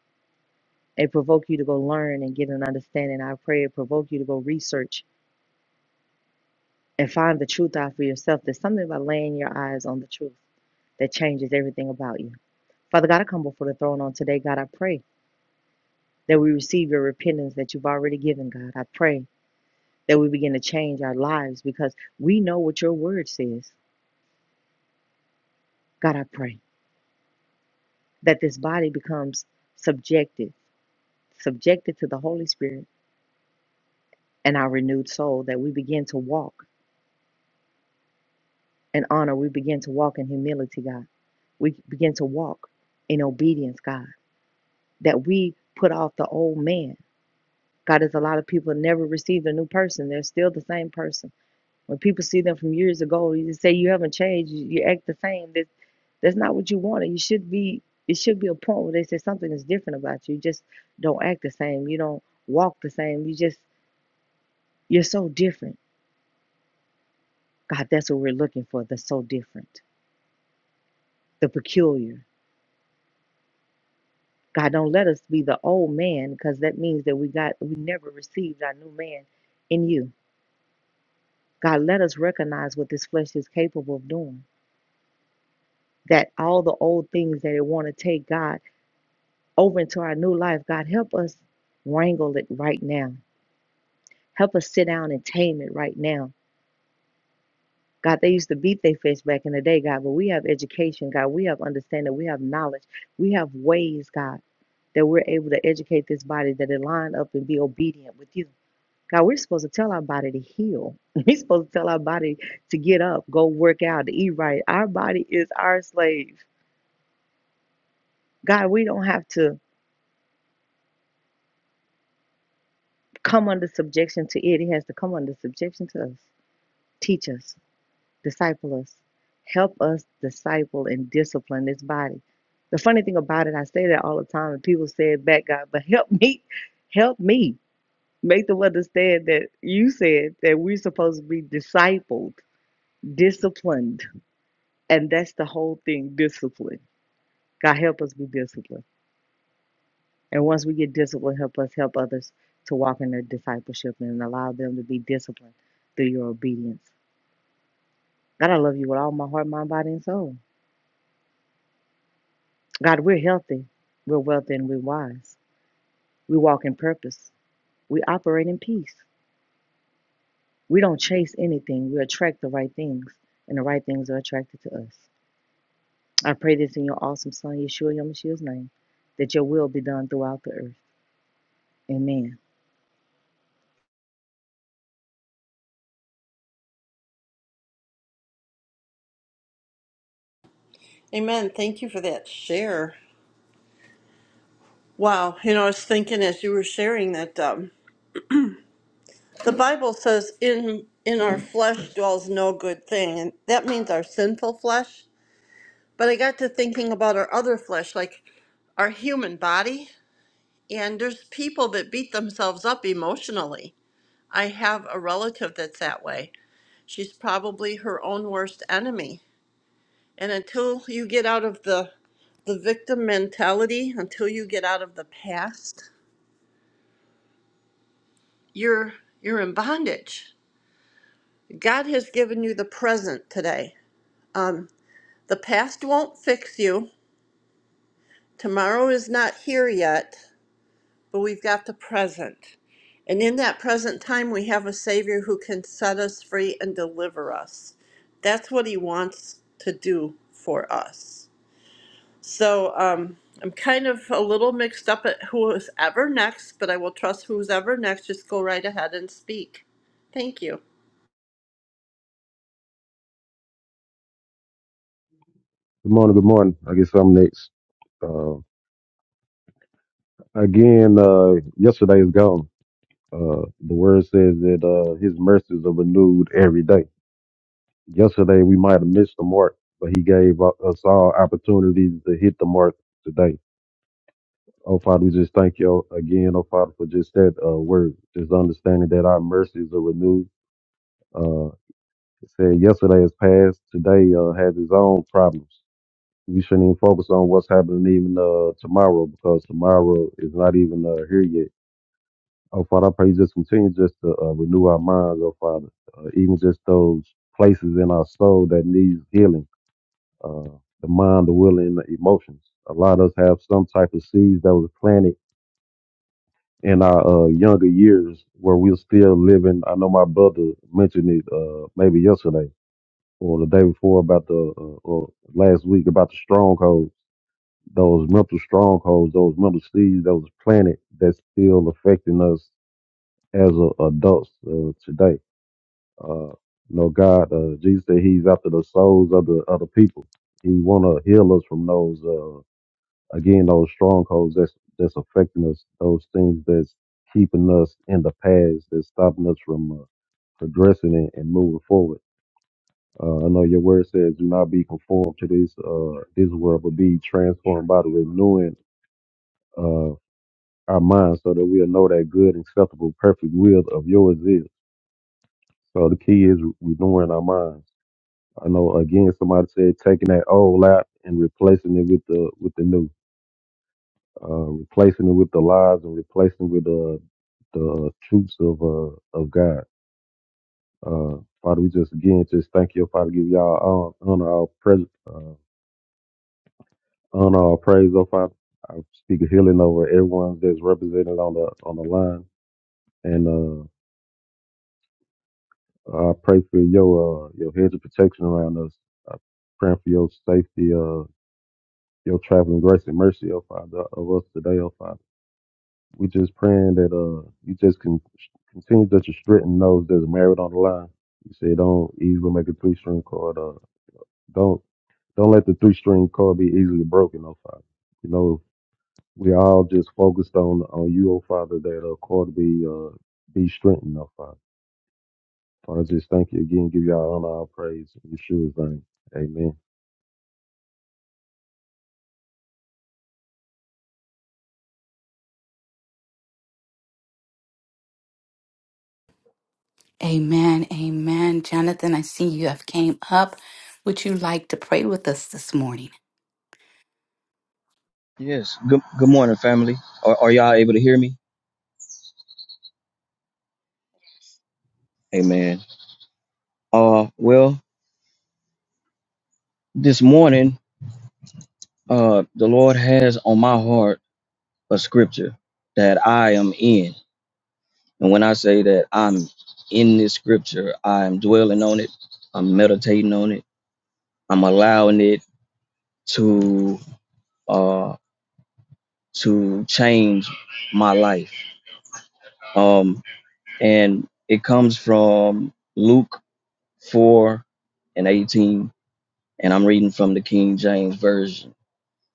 [SPEAKER 6] It provoke you to go learn and get an understanding. I pray it provoke you to go research and find the truth out for yourself. There's something about laying your eyes on the truth that changes everything about you. Father God, I come before the throne on today. God, I pray that we receive your repentance that you've already given, God. I pray that we begin to change our lives because we know what your word says. God, I pray that this body becomes subjected, subjected to the Holy Spirit and our renewed soul, that we begin to walk in honor, we begin to walk in humility, God. we begin to walk in obedience, God, that we put off the old man. God, there's a lot of people that never received a new person. They're still the same person. When people see them from years ago, you just say you haven't changed. You, act the same. That that's not what you wanted. You should be. It should be a point where they say something is different about you. You just don't act the same. You don't walk the same. You just you're so different. God, that's what we're looking for. The so different, the peculiar, God, don't let us be the old man because that means that we got we never received our new man in you. God, let us recognize what this flesh is capable of doing. That all the old things that it want to take God over into our new life, God, help us wrangle it right now. Help us sit down and tame it right now. God, they used to beat their fish back in the day, God, but we have education, God. We have understanding. We have knowledge. We have ways, God, that we're able to educate this body that it line up and be obedient with you. God, we're supposed to tell our body to heal. We're supposed to tell our body to get up, go work out, to eat right. Our body is our slave. God, we don't have to come under subjection to it. It has to come under subjection to us. Teach us, disciple us, help us disciple and discipline this body. The funny thing about it, I say that all the time, and people say it back, God, but help me, help me. Make them understand that you said that we're supposed to be discipled, disciplined And that's the whole thing discipline. God, help us be disciplined. And once we get disciplined, help us help others to walk in their discipleship and allow them to be disciplined through your obedience. God, I love you with all my heart, mind, body, and soul. God, we're healthy, we're wealthy, and we're wise. We walk in purpose, we operate in peace. We don't chase anything, we attract the right things, and the right things are attracted to us. I pray this in your awesome Son, Yeshua Yamashia's name, that your will be done throughout the earth. Amen.
[SPEAKER 2] Amen. Thank you for that share. Wow. You know, I was thinking as you were sharing that um, the Bible says, "In in our flesh dwells no good thing," and that means our sinful flesh. But I got to thinking about our other flesh, like our human body, and there's people that beat themselves up emotionally. I have a relative that's that way. She's probably her own worst enemy. And until you get out of the the victim mentality, until you get out of the past, you're you're in bondage. God has given you the present today. Um, the past won't fix you. Tomorrow is not here yet. but we've got the present. And in that present time, we have a Savior who can set us free and deliver us. That's what He wants to do for us. So um, I'm kind of a little mixed up at who is ever next, but I will trust who's ever next. Just go right ahead and speak. Thank you.
[SPEAKER 7] Good morning. Good morning. I guess I'm next. Uh, again, uh, yesterday is gone. Uh, the word says that uh, his mercies are renewed every day. Yesterday we might have missed the mark, but he gave u- us all opportunities to hit the mark today. Oh Father, we just thank you again, oh Father, for just that uh, word. Just understanding that our mercies are renewed. Uh, it said yesterday is past. Today uh, has its own problems. we shouldn't even focus on what's happening even uh, tomorrow because tomorrow is not even uh, here yet. Oh Father, I pray you just continue just to uh, renew our minds, oh Father, uh, even just those places in our soul that needs healing, uh, the mind, the will, and the emotions. A lot of us have some type of seeds that was planted in our uh, younger years where we're still living. I know my brother mentioned it uh, maybe yesterday or the day before about the uh, or last week about the stronghold those mental strongholds, those mental seeds that was planted that's still affecting us as a, adults uh, today. Uh, you know, God, uh, Jesus said He's after the souls of the other people. He want to heal us from those, uh, again, those strongholds that's that's affecting us, those things that's keeping us in the past, that's stopping us from uh, progressing and, and moving forward. Uh, I know your word says, "Do not be conformed to this uh, this world, but be transformed by the renewing." uh, our minds so that we'll know that good, acceptable, perfect will of yours is. So the key is renewing our minds. I know again somebody said taking that old out and replacing it with the with the new, uh, replacing it with the lies and replacing it with uh, the truths of uh, of God. Uh, Father, we just again just thank you, Father, give y'all hon- honor all present, uh, honor all praise, oh Father. I speak a healing over everyone that's represented on the on the line, and uh, Uh, I pray for your uh, your hedge of protection around us. I pray for your safety, uh, your traveling grace and mercy, oh Father, of us today, oh Father. We just praying that uh, you just can continue that you straighten those that's married on the line. You say don't easily make a three string chord. Uh, don't don't let the three string chord be easily broken, oh Father. You know we all just focused on on you, oh Father, that uh, chord be uh, be strengthened, oh Father. Father, I just thank you again. Give y'all honor, all praise, in Yeshua's name. Amen.
[SPEAKER 1] Amen. Amen. Jonathan, I see you have came up. Would you like to pray with us this morning?
[SPEAKER 8] Yes. Good good morning, family. Are, are y'all able to hear me? Amen. Uh well, this morning, uh the Lord has on my heart a scripture that I am in. And when I say that I'm in this scripture, I'm dwelling on it, I'm meditating on it, I'm allowing it to uh to change my life. Um and it comes from Luke 4 and 18 and I'm reading from the King James Version.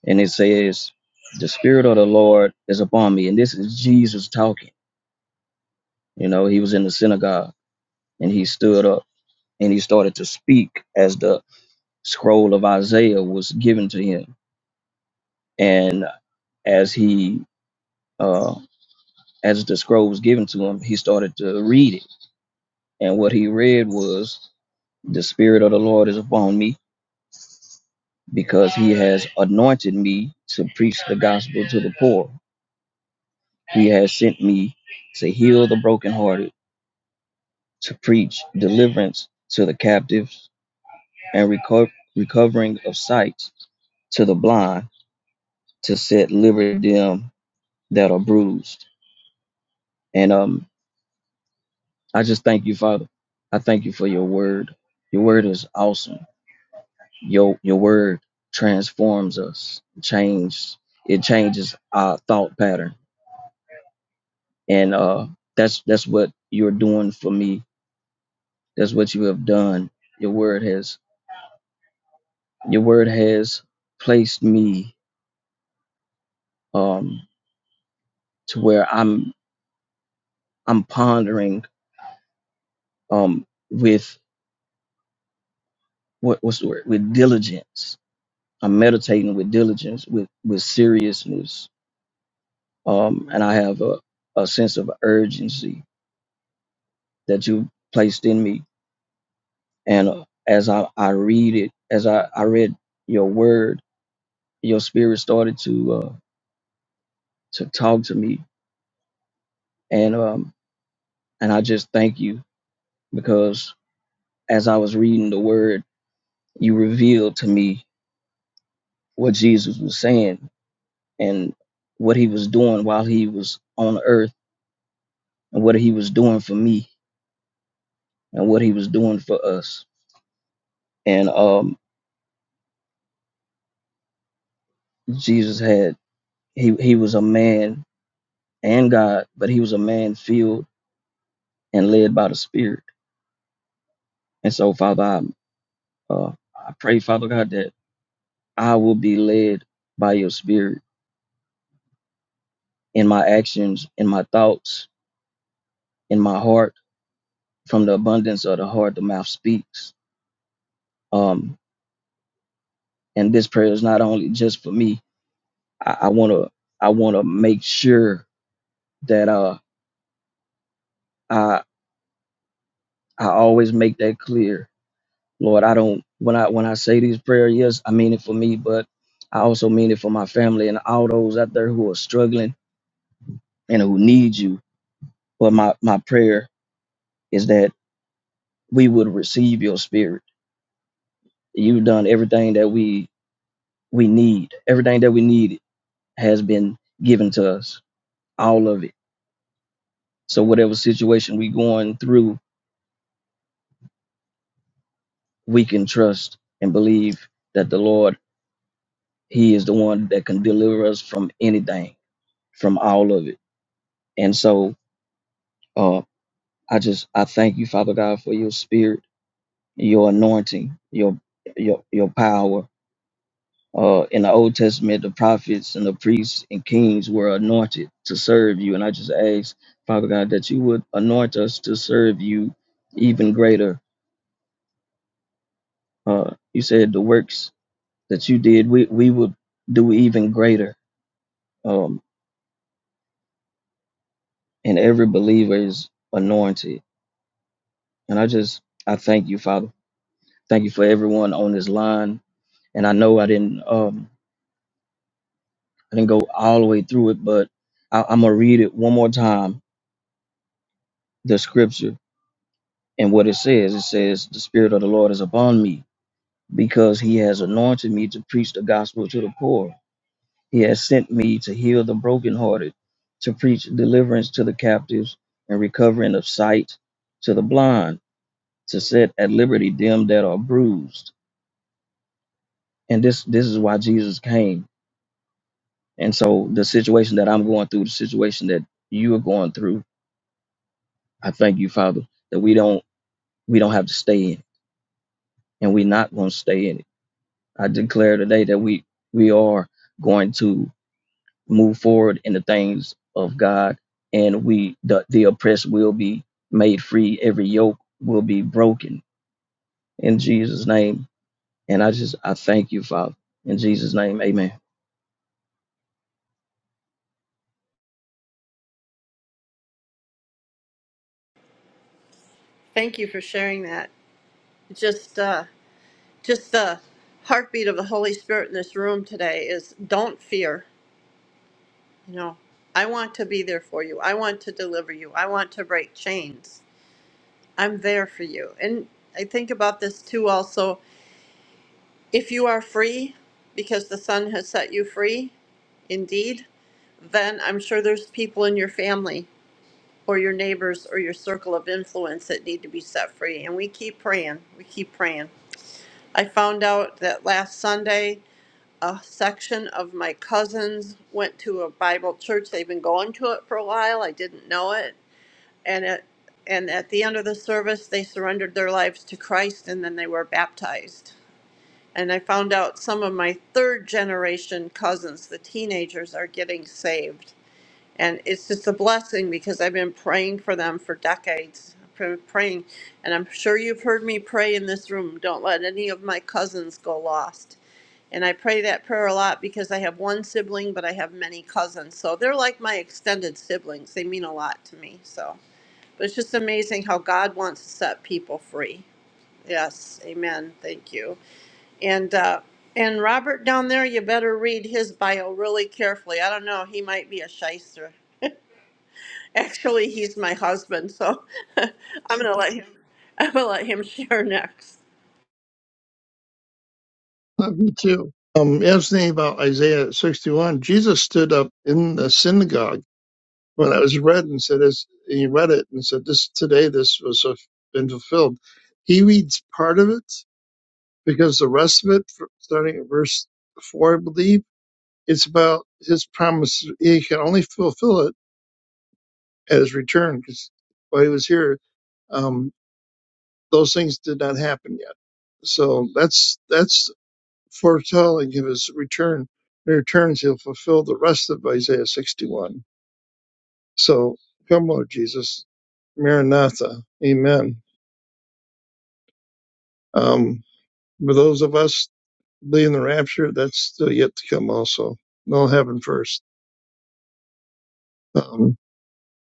[SPEAKER 8] And it says, The Spirit of the Lord is upon me. And this is Jesus talking. You know, he was in the synagogue and he stood up and he started to speak as the scroll of Isaiah was given to him. And as he, uh, as the scroll was given to him, he started to read it. And what he read was, The Spirit of the Lord is upon me because he has anointed me to preach the gospel to the poor He has sent me to heal the brokenhearted, to preach deliverance to the captives, and reco- recovering of sight to the blind, to set liberty them that are bruised. And um, I just thank you, Father. I thank you for your word. Your word is awesome. Your your word transforms us, changes it changes our thought pattern, and uh, that's that's what you're doing for me. That's what you have done. Your word has Your word has placed me um, to where I'm I'm pondering um, with what what's the word with diligence. I'm meditating with diligence, with with seriousness, um, and I have a, a sense of urgency that you placed in me. And uh, as I, I read it, as I, I read your word, your spirit started to uh, to talk to me, and um, and I just thank you because as I was reading the word. you revealed to me what Jesus was saying and what he was doing while he was on earth and what he was doing for me and what he was doing for us. And um Jesus had he he was a man and God, but he was a man filled and led by the Spirit. And so Father, I uh, I pray Father God that I will be led by your spirit in my actions, in my thoughts, in my heart, from the abundance of the heart the mouth speaks. Um and this prayer is not only just for me. I, I wanna I wanna make sure that uh I I always make that clear. Lord, I don't when I when I say these prayers, yes, I mean it for me, but I also mean it for my family and all those out there who are struggling and who need you. But my, my prayer is that we would receive your spirit. You've done everything that we we need. Everything that we need has been given to us. All of it. So whatever situation we going through, we can trust and believe that the Lord, He is the one that can deliver us from anything, from all of it. And so, uh, I just I thank you, Father God, for your Spirit, your anointing, your your your power. Uh, in the Old Testament, the prophets and the priests and kings were anointed to serve you, and I just ask, Father God, that you would anoint us to serve you even greater. Uh, you said the works that you did, we we would do even greater. Um, and every believer is anointed. And I just I thank you, Father. Thank you for everyone on this line. And I know I didn't um I didn't go all the way through it, but I, I'm gonna read it one more time, the scripture and what it says. It says, The Spirit of the Lord is upon me, because he has anointed me to preach the gospel to the poor. He has sent me to heal the brokenhearted, to preach deliverance to the captives and recovering of sight to the blind, to set at liberty them that are bruised and this this is why Jesus came. And so the situation that I'm going through, the situation that you are going through, I thank you, Father, that we don't we don't have to stay in it, and we're not going to stay in it. I declare today that we we are going to move forward in the things of God, and we the, the oppressed will be made free. Every yoke will be broken in Jesus' name. And I just I thank you, Father, in Jesus' name, Amen.
[SPEAKER 2] Thank you for sharing that. Just, uh, just the heartbeat of the Holy Spirit in this room today is don't fear No, I want to be there for you. I want to deliver you. I want to break chains. I'm there for you. And I think about this too also. If you are free because the Son has set you free, indeed, then I'm sure there's people in your family or your neighbors or your circle of influence that need to be set free. And we keep praying. We keep praying. I found out that last Sunday, a section of my cousins went to a Bible church. They've been going to it for a while. I didn't know it and at and at the end of the service they surrendered their lives to Christ and then they were baptized. And I found out some of my third generation cousins, the teenagers, are getting saved and it's just a blessing because I've been praying for them for decades. I've been praying, and I'm sure you've heard me pray in this room. Don't let any of my cousins go lost. And I pray that prayer a lot because I have one sibling, but I have many cousins. So they're like my extended siblings. They mean a lot to me. So, but it's just amazing how God wants to set people free. Yes, amen. Thank you. And uh, and Robert down there, you better read his bio really carefully. I don't know, he might be a shyster. Actually, he's my husband, so I'm going to let him. I'm going to let him share next.
[SPEAKER 9] Love you too. Um, interesting thing about Isaiah 61. Jesus stood up in the synagogue when that was read and said, "As he read it and said, this today this was fu- been fulfilled." He reads part of it because the rest of it, fr- starting at verse four, I believe, it's about his promise. He can only fulfill it at his return because while he was here, um, those things did not happen yet. So that's that's foretelling of his return. When he returns, he'll fulfill the rest of Isaiah 61. So come, Lord Jesus. Maranatha. Amen. Um, for those of us leading the rapture, that's still yet to come also. No heaven first. Um,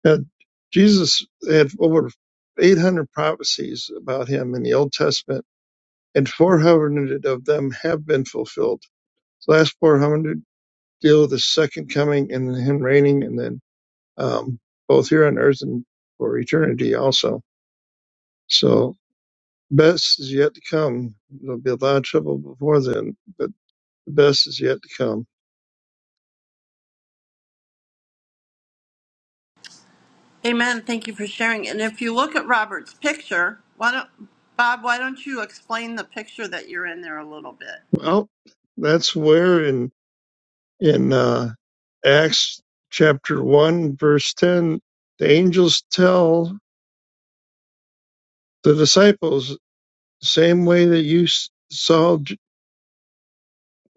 [SPEAKER 9] had- Jesus had over 800 prophecies about him in the Old Testament, and 400 of them have been fulfilled. The last 400 deal with the second coming and him reigning, and then um, both here on earth and for eternity also. So best is yet to come. There'll be a lot of trouble before then, but the best is yet to come.
[SPEAKER 2] Amen. Thank you for sharing. And if you look at Robert's picture, why don't Bob? Why don't you explain the picture that you're in there a little bit?
[SPEAKER 9] Well, that's where in in uh, Acts chapter one verse ten, the angels tell the disciples, same way that you s- saw J-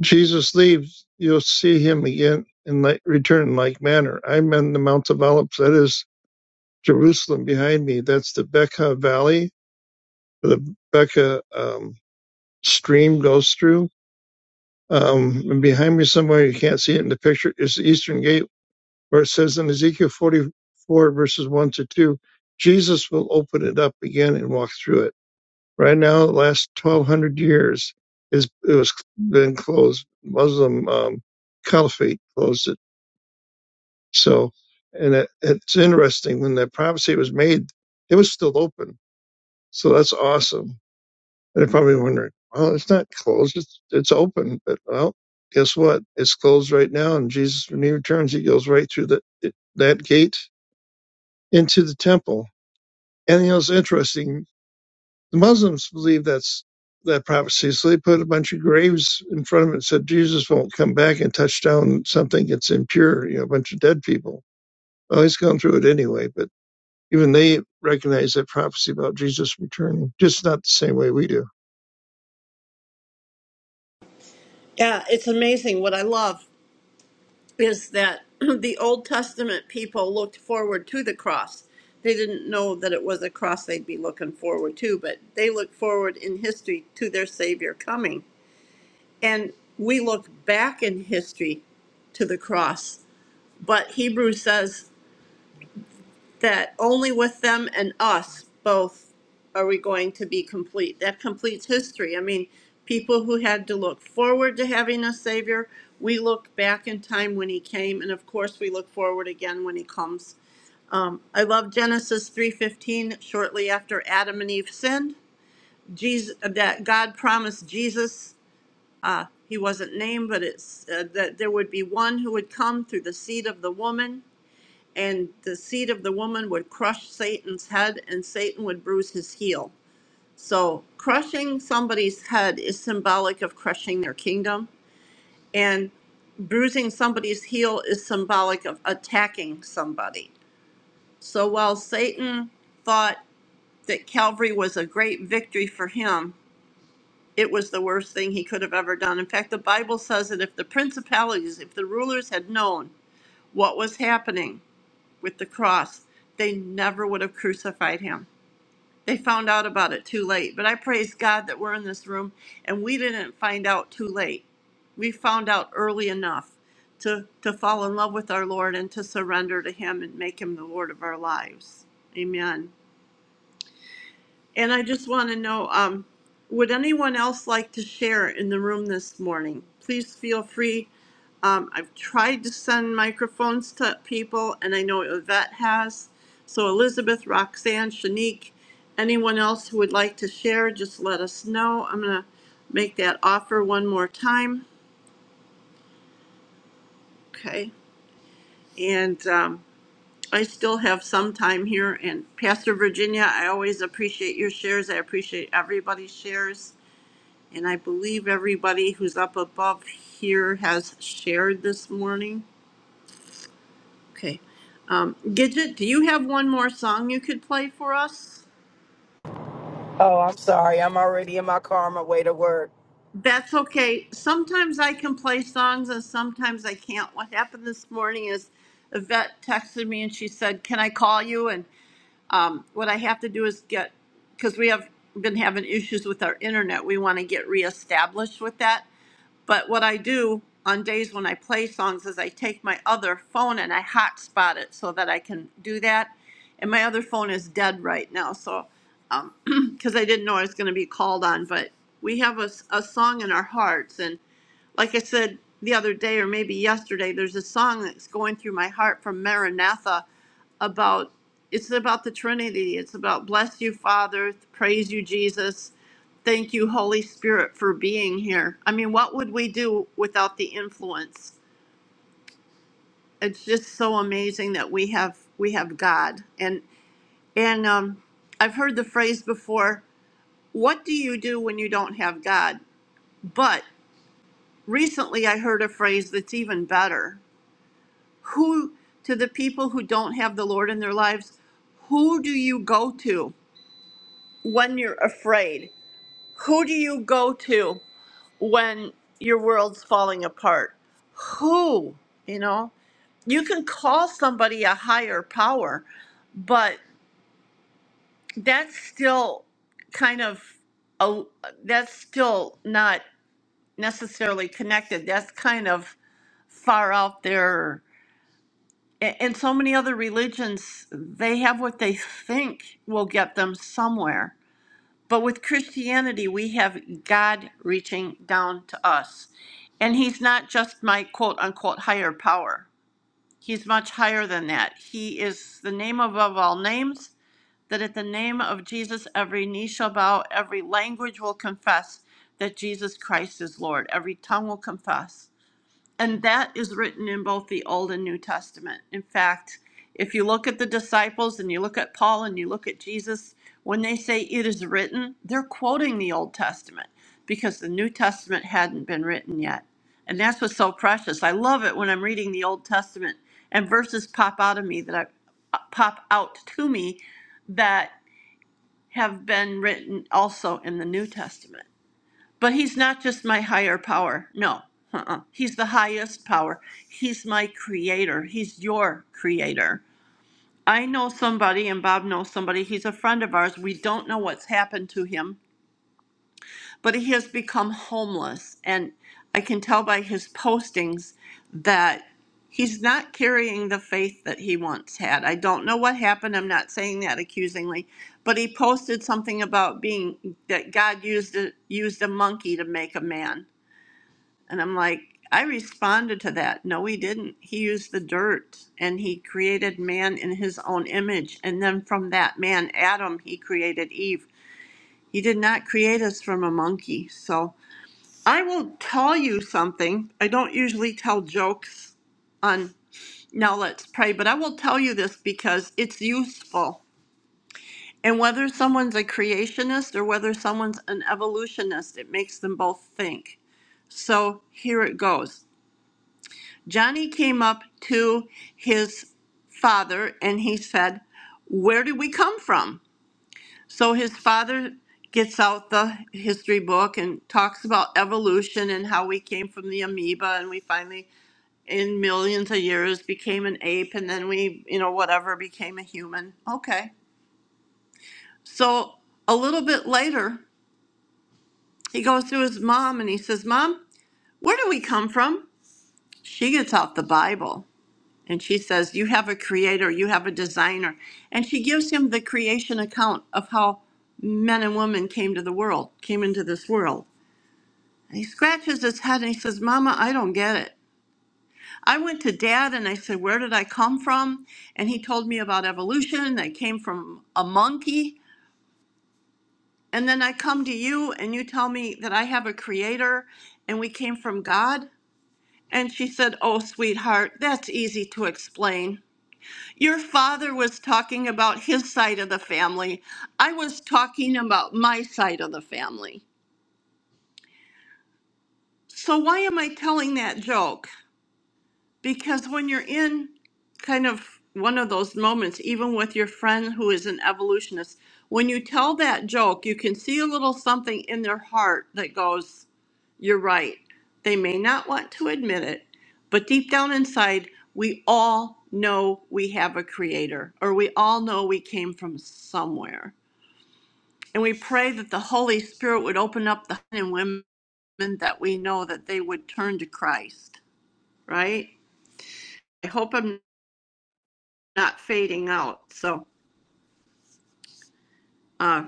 [SPEAKER 9] Jesus leave, you'll see him again in like, return in like manner. I'm in the Mount of Olives. That is Jerusalem behind me. That's the Becca Valley, where the Becca um, stream goes through. Um, and behind me, somewhere you can't see it in the picture, is the Eastern Gate, where it says in Ezekiel 44, verses 1 to 2, Jesus will open it up again and walk through it. Right now, the last 1,200 years, is it was been closed. Muslim um, caliphate closed it. So, and it, it's interesting when that prophecy was made, it was still open. So that's awesome. They're probably wondering, well, it's not closed. It's, it's open. But well, guess what? It's closed right now. And Jesus, when he returns, he goes right through the, that gate into the temple. And you know, it's interesting. The Muslims believe that's that prophecy. So they put a bunch of graves in front of it and said, Jesus won't come back and touch down something that's impure, you know, a bunch of dead people. Well, he's gone through it anyway, but even they recognize that prophecy about Jesus returning, just not the same way we do.
[SPEAKER 2] Yeah, it's amazing. What I love is that the Old Testament people looked forward to the cross. They didn't know that it was a cross they'd be looking forward to, but they looked forward in history to their Savior coming. And we look back in history to the cross. But Hebrews says that only with them and us both are we going to be complete. That completes history. I mean, people who had to look forward to having a Savior, we look back in time when He came, and of course, we look forward again when He comes. Um, I love Genesis 3:15. Shortly after Adam and Eve sinned, Jesus, that God promised Jesus he wasn't named, but it's uh, that there would be one who would come through the seed of the woman, and the seed of the woman would crush Satan's head, and Satan would bruise his heel. So, crushing somebody's head is symbolic of crushing their kingdom, and bruising somebody's heel is symbolic of attacking somebody. So, while Satan thought that Calvary was a great victory for him, It was the worst thing he could have ever done. In fact, the Bible says that if the principalities, if the rulers had known what was happening with the cross, they never would have crucified him. They found out about it too late. But I praise God that we're in this room and we didn't find out too late. We found out early enough to, to fall in love with our Lord and to surrender to Him and make Him the Lord of our lives. Amen. And I just want to know, um, would anyone else like to share in the room this morning? Please feel free. Um, I've tried to send microphones to people, and I know Yvette has. So Elizabeth, Roxanne, Shanique, anyone else who would like to share, just let us know. I'm going to make that offer one more time. Okay. And um, I still have some time here. And Pastor Virginia, I always appreciate your shares. I appreciate everybody's shares. And I believe everybody who's up above here has shared this morning. Okay. Um, Gidget, do you have one more song you could play for us?
[SPEAKER 3] Oh, I'm sorry. I'm already in my car on my way to work.
[SPEAKER 2] That's okay. Sometimes I can play songs and sometimes I can't. What happened this morning is Yvette texted me and she said, Can I call you? And um, what I have to do is get, because we have been having issues with our internet, we want to get reestablished with that. But what I do on days when I play songs is I take my other phone and I hotspot it so that I can do that. And my other phone is dead right now, so um, because I didn't know I was going to be called on. But we have a, s- a song in our hearts, and like I said the other day or maybe yesterday, there's a song that's going through my heart from Maranatha about it's about the Trinity. It's about bless you, Father, praise you, Jesus, thank you, Holy Spirit, for being here. I mean, what would we do without the influence? It's just so amazing that we have we have God. And and um, I've heard the phrase before. What do you do when you don't have God? But recently, I heard a phrase that's even better. Who to the people who don't have the Lord in their lives? Who do you go to? when you're afraid? Who do you go to when your world's falling apart? Who, you know? You can call somebody a higher power, but that's still kind of a, that's still not necessarily connected. That's kind of far out there. A- And so many other religions, they have what they think will get them somewhere But with Christianity, we have God reaching down to us. And He's not just my quote unquote higher power, He's much higher than that. He is the name above all names, that at the name of Jesus, every knee shall bow, every language will confess that Jesus Christ is Lord, every tongue will confess. And that is written in both the Old and New Testament. In fact, if you look at the disciples and you look at Paul and you look at Jesus, when they say it is written, they're quoting the Old Testament because the New Testament hadn't been written yet. And that's what's so precious. I love it when I'm reading the Old Testament and verses pop out of me that I pop out to me that have been written also in the New Testament. But he's not just my higher power. No, uh-uh. he's the highest power. He's my creator. He's your creator. I know somebody, and Bob knows somebody. He's a friend of ours. We don't know what's happened to him, but he has become homeless. And I can tell by his postings that he's not carrying the faith that he once had. I don't know what happened. I'm not saying that accusingly, but he posted something about being that God used a, used a monkey to make a man and I'm like, I responded to that. No, he didn't. He used the dirt and he created man in his own image. And then from that man, Adam, he created Eve. He did not create us from a monkey. So I will tell you something. I don't usually tell jokes on Now Let's Pray, but I will tell you this because it's useful. And whether someone's a creationist or whether someone's an evolutionist, it makes them both think. So here it goes. Johnny came up to his father and he said, Where did we come from? So his father gets out the history book and talks about evolution and how we came from the amoeba and we finally, in millions of years, became an ape and then we, you know, whatever, became a human. Okay. So a little bit later, he goes to his mom and he says, Mom, where do we come from? She gets out the Bible And she says, You have a creator, you have a designer. And she gives him the creation account of how men and women came to the world, came into this world. And he scratches his head and he says, Mama, I don't get it. I went to dad and I said, Where did I come from? And he told me about evolution. I came from a monkey. And then I come to you and you tell me that I have a creator and we came from God. And she said, Oh, sweetheart, that's easy to explain. Your father was talking about his side of the family. I was talking about my side of the family. So, why am I telling that joke? Because when you're in kind of one of those moments, even with your friend who is an evolutionist, when you tell that joke, you can see a little something in their heart that goes, You're right. They may not want to admit it, but deep down inside, we all know we have a creator, or we all know we came from somewhere. And we pray that the Holy Spirit would open up the men and women that we know that they would turn to Christ, right? I hope I'm not fading out. So, uh,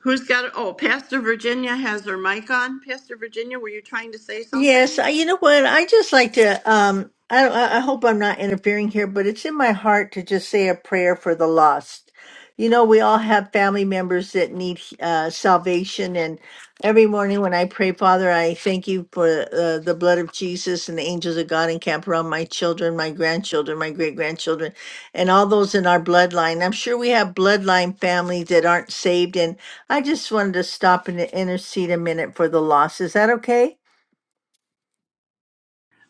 [SPEAKER 2] who's got it? Oh, Pastor Virginia has her mic on. Pastor Virginia, were you trying to say
[SPEAKER 5] Yes,
[SPEAKER 2] something?
[SPEAKER 5] I, you know what? I just like to. Um, I, I I hope I'm not interfering here, but it's in my heart to just say a prayer for the lost. You know, we all have family members that need uh, salvation, and every morning when I pray, Father, I thank you for uh, the blood of Jesus and the angels of God encamp around my children, my grandchildren, my great grandchildren, and all those in our bloodline. I'm sure we have bloodline families that aren't saved, and I just wanted to stop and intercede a minute for the lost. Is that okay?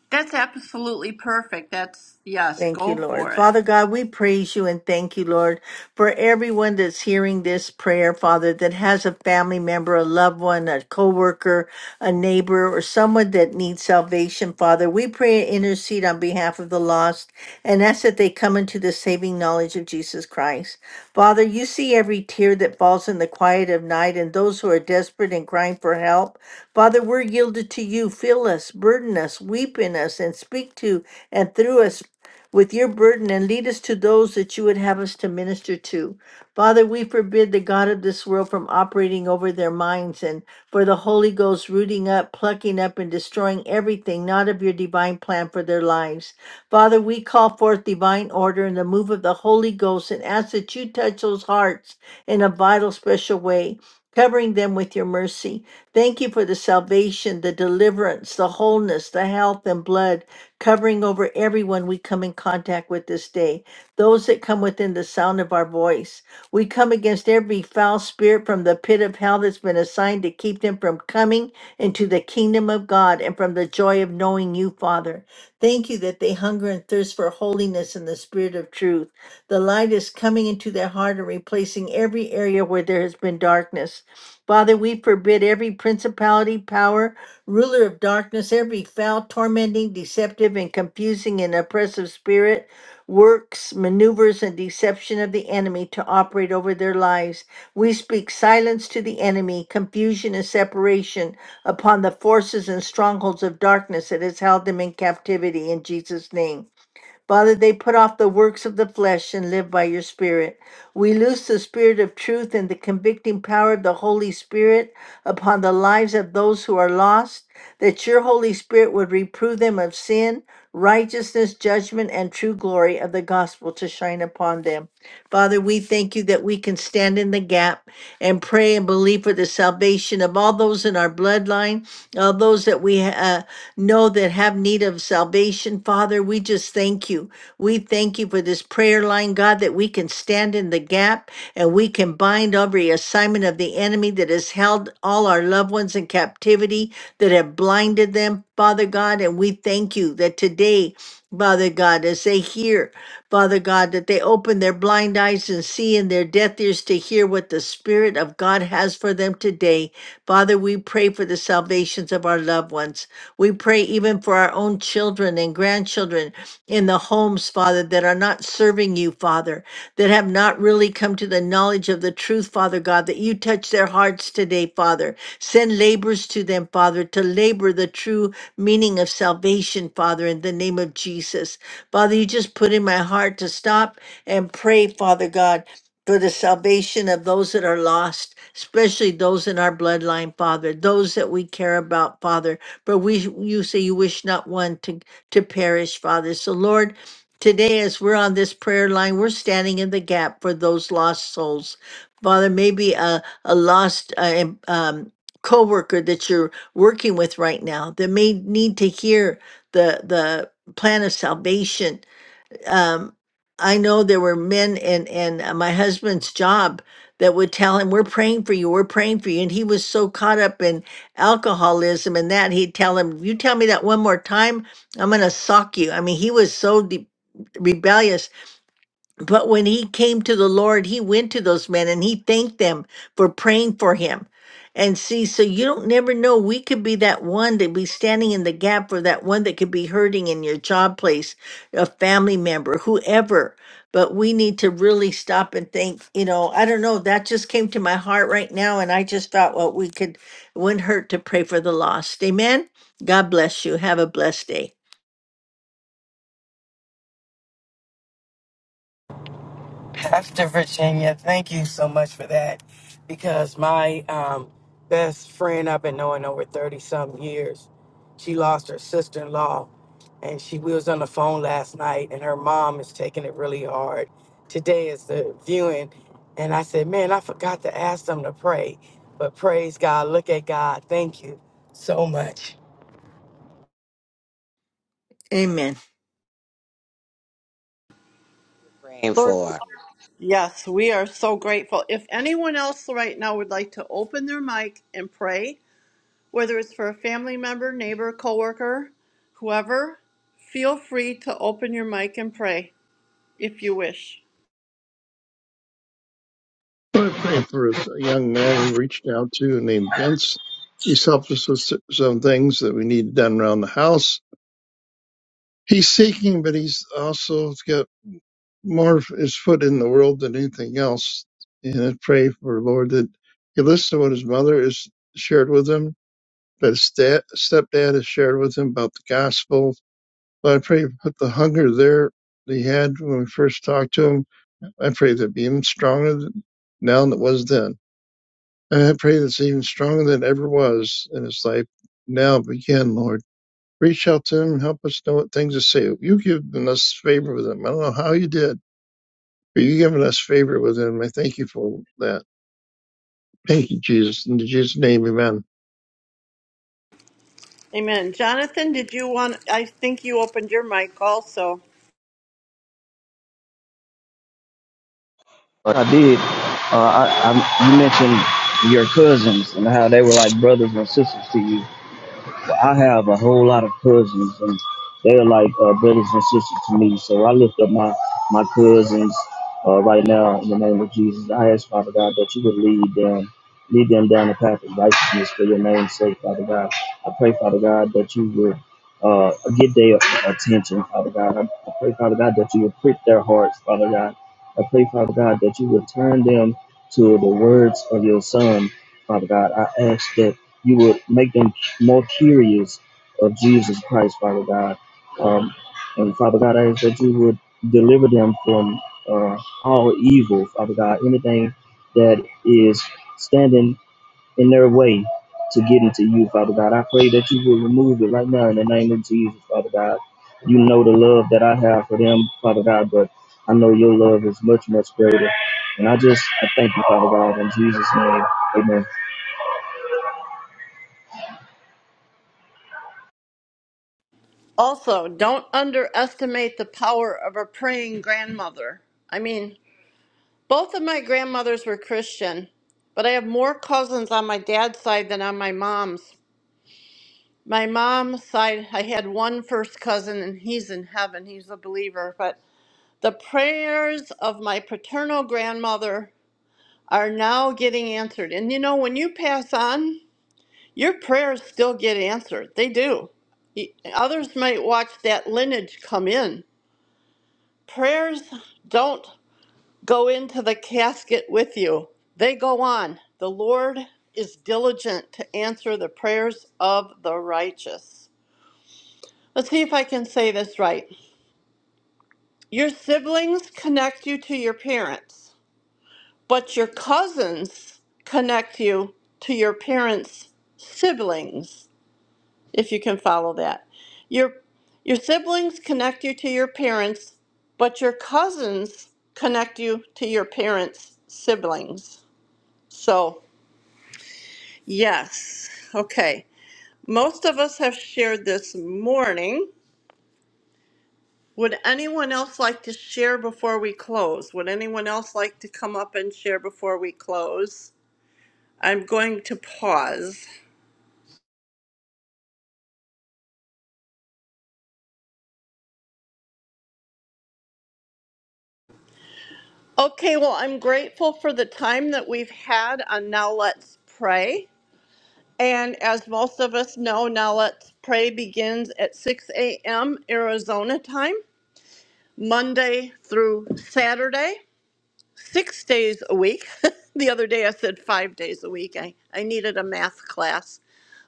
[SPEAKER 2] That's absolutely perfect. That's yes,
[SPEAKER 5] Thank you,
[SPEAKER 2] go
[SPEAKER 5] Lord.
[SPEAKER 2] for it.
[SPEAKER 5] Father God, we praise you and thank you, Lord, for everyone that's hearing this prayer, Father, that has a family member, a loved one, a coworker, a neighbor, or someone that needs salvation, Father. We pray and intercede on behalf of the lost and ask that they come into the saving knowledge of Jesus Christ. Father, you see every tear that falls in the quiet of night and those who are desperate and crying for help. Father, we're yielded to you. Fill us, burden us, weep in us, and speak to and through us with your burden and lead us to those that you would have us to minister to. Father, we forbid the God of this world from operating over their minds and for the Holy Ghost rooting up, plucking up, and destroying everything not of your divine plan for their lives. Father, we call forth divine order and the move of the Holy Ghost and ask that you touch those hearts in a vital, special way. Covering them with your mercy. Thank you for the salvation, the deliverance, the wholeness, the health, and blood covering over everyone we come in contact with this day, those that come within the sound of our voice. We come against every foul spirit from the pit of hell that's been assigned to keep them from coming into the kingdom of God and from the joy of knowing you, Father. Thank you that they hunger and thirst for holiness and the spirit of truth. The light is coming into their heart and replacing every area where there has been darkness. Father, we forbid every principality, power, ruler of darkness, every foul, tormenting, deceptive, and confusing and oppressive spirit, works, maneuvers, and deception of the enemy to operate over their lives. We speak silence to the enemy, confusion and separation upon the forces and strongholds of darkness that has held them in captivity in Jesus' name. Father, they put off the works of the flesh and live by your Spirit. We loose the Spirit of truth and the convicting power of the Holy Spirit upon the lives of those who are lost, that your Holy Spirit would reprove them of sin, righteousness, judgment, and true glory of the gospel to shine upon them. Father, we thank you that we can stand in the gap and pray and believe for the salvation of all those in our bloodline all those that we uh, know that have need of salvation. Father, we just thank you. We thank you for this prayer line, God, that we can stand in the gap and we can bind every assignment of the enemy that has held all our loved ones in captivity, that have blinded them, Father God. And we thank you that today, Father God, as they hear, Father God, that they open their blind eyes and see and their deaf ears to hear what the Spirit of God has for them today. Father, we pray for the salvations of our loved ones. We pray even for our own children and grandchildren in the homes, Father, that are not serving you, Father, that have not really come to the knowledge of the truth, Father God, that you touch their hearts today, Father. Send labors to them, Father, to labor the true meaning of salvation, Father, in the name of Jesus. Father, you just put in my heart to stop and pray, Father God for the salvation of those that are lost, especially those in our bloodline, Father, those that we care about, Father. For we you say you wish not one to, to perish, Father. So Lord, today as we're on this prayer line, we're standing in the gap for those lost souls. Father, maybe a, a lost uh, em- um co-worker that you're working with right now that may need to hear the the plan of salvation um, I know there were men in in uh, my husband's job that would tell him, "We're praying for you. We're praying for you," and he was so caught up in alcoholism and that he'd tell him, "You tell me that one more time, I'm gonna sock you." I mean, he was so de- rebellious but when he came to the Lord, he went to those men and he thanked them for praying for him. And see, so you don't never know. We could be that one that be standing in the gap for that one that could be hurting in your job place, a family member, whoever. But we need to really stop and think, you know, I don't know. That just came to my heart right now. And I just thought, well, we could, it wouldn't hurt to pray for the lost. Amen. God bless you. Have a blessed day.
[SPEAKER 3] Pastor Virginia, thank you so much for that because my um, best friend I've been knowing over 30 some years, she lost her sister in law and she we was on the phone last night and her mom is taking it really hard. Today is the viewing and I said, man, I forgot to ask them to pray, but praise God, look at God. Thank you so much.
[SPEAKER 5] Amen.
[SPEAKER 4] We're praying
[SPEAKER 2] Lord,
[SPEAKER 4] for her.
[SPEAKER 2] yes, we are so grateful. If anyone else right now would like to open their mic and pray, whether it's for a family member, neighbor, coworker, whoever, feel free to open your mic and pray if you wish.
[SPEAKER 9] Lord, pray for a young man we reached out to named Vince. He's helped us with s- some things that we need done around the house. He's seeking, but he's also got more of his foot in the world than anything else. And I pray for Lord that he listens to what his mother has shared with him, that his dad, stepdad has shared with him about the gospel. But I pray you put the hunger there that he had when we first talked to him. I pray that be even stronger now than it was then. I pray that's even stronger than it ever was in his life. Now begin, Lord. Reach out to him and help us know what things to say. You've given us favor with him. I don't know how you did, but you've given us favor with him. I thank you for that. Thank you, Jesus. In Jesus' name, amen.
[SPEAKER 2] Amen. Jonathan, did you want I think you opened your mic also.
[SPEAKER 8] What I did Uh, I, I, you mentioned your cousins and how they were like brothers and sisters to you. But I have a whole lot of cousins, and they're like uh, brothers and sisters to me. So I lift up my my cousins uh, right now in the name of Jesus. I ask Father God that you would lead them, lead them down the path of righteousness for your name's sake, Father God. I pray, Father God, that you would uh, get their attention, Father God. I, I pray, Father God, that you would prick their hearts, Father God. I pray, Father God, that you would turn them to the words of your Son, Father God. I ask that you would make them martyrs of Jesus Christ, Father God. Um, and Father God, I ask that you would deliver them from uh, all evil, Father God, anything that is standing in their way to get into you, Father God. I pray that you will remove it right now in the name of Jesus, Father God. You know the love that I have for them, Father God, but I know your love is much, much greater. And I just I thank you, Father God, in Jesus' name. Amen.
[SPEAKER 2] Also, don't underestimate the power of a praying grandmother. I mean, both of my grandmothers were Christian, but I have more cousins on my dad's side than on my mom's. My mom's side, I had one first cousin, and he's in heaven. He's a believer. But the prayers of my paternal grandmother are now getting answered. And you know, when you pass on, your prayers still get answered. They do. Y- Others might watch that lineage come in. Prayers don't go into the casket with you, they go on. The Lord is diligent to answer the prayers of the righteous. Let's see if I can say this right. Your siblings connect you to your parents, but your cousins connect you to your parents' siblings, if you can follow that. Your your siblings connect you to your parents, but your cousins connect you to your parents' siblings. So, yes. Okay. Most of us have shared this morning Would anyone else like to share before we close? Would anyone else like to come up and share before we close? I'm going to pause. Okay, well, I'm grateful for the time that we've had on Now Let's Pray. And as most of us know, Now Let's Pray begins at 6 a.m. Arizona time, Monday through Saturday, six days a week. the other day I said five days a week. I, I needed a math class,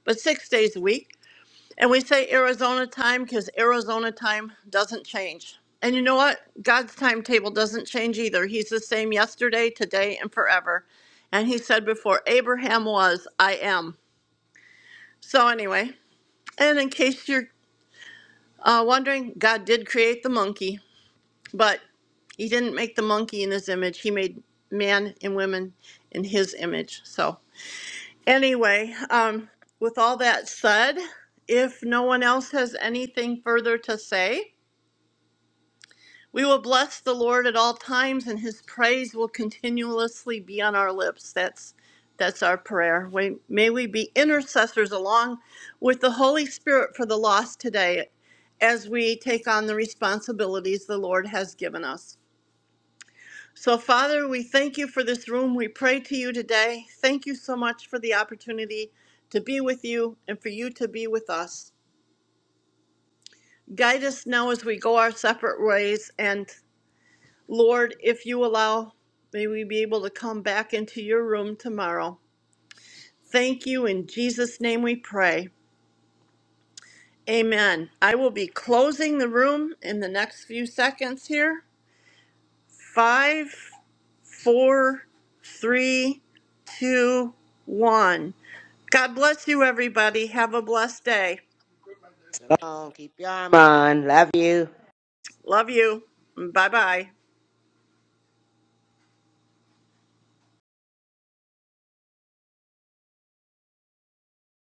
[SPEAKER 2] but six days a week. And we say Arizona time because Arizona time doesn't change. And you know what? God's timetable doesn't change either. He's the same yesterday, today, and forever. And he said before Abraham was, I am. So, anyway, and in case you're uh, wondering, God did create the monkey, but he didn't make the monkey in his image. He made man and women in his image. So, anyway, um, with all that said, if no one else has anything further to say, We will bless the Lord at all times, and His praise will continuously be on our lips. That's that's our prayer. We, may we be intercessors along with the Holy Spirit for the lost today, as we take on the responsibilities the Lord has given us. So, Father, we thank you for this room. We pray to you today. Thank you so much for the opportunity to be with you and for you to be with us. Guide us now as we go our separate ways. And Lord, if you allow, may we be able to come back into your room tomorrow. Thank you. In Jesus' name we pray. Amen. I will be closing the room in the next few seconds here. Five, four, three, two, one. God bless you, everybody. Have a blessed day.
[SPEAKER 4] Come on, keep your arm on. Love you.
[SPEAKER 2] Love you. Bye bye.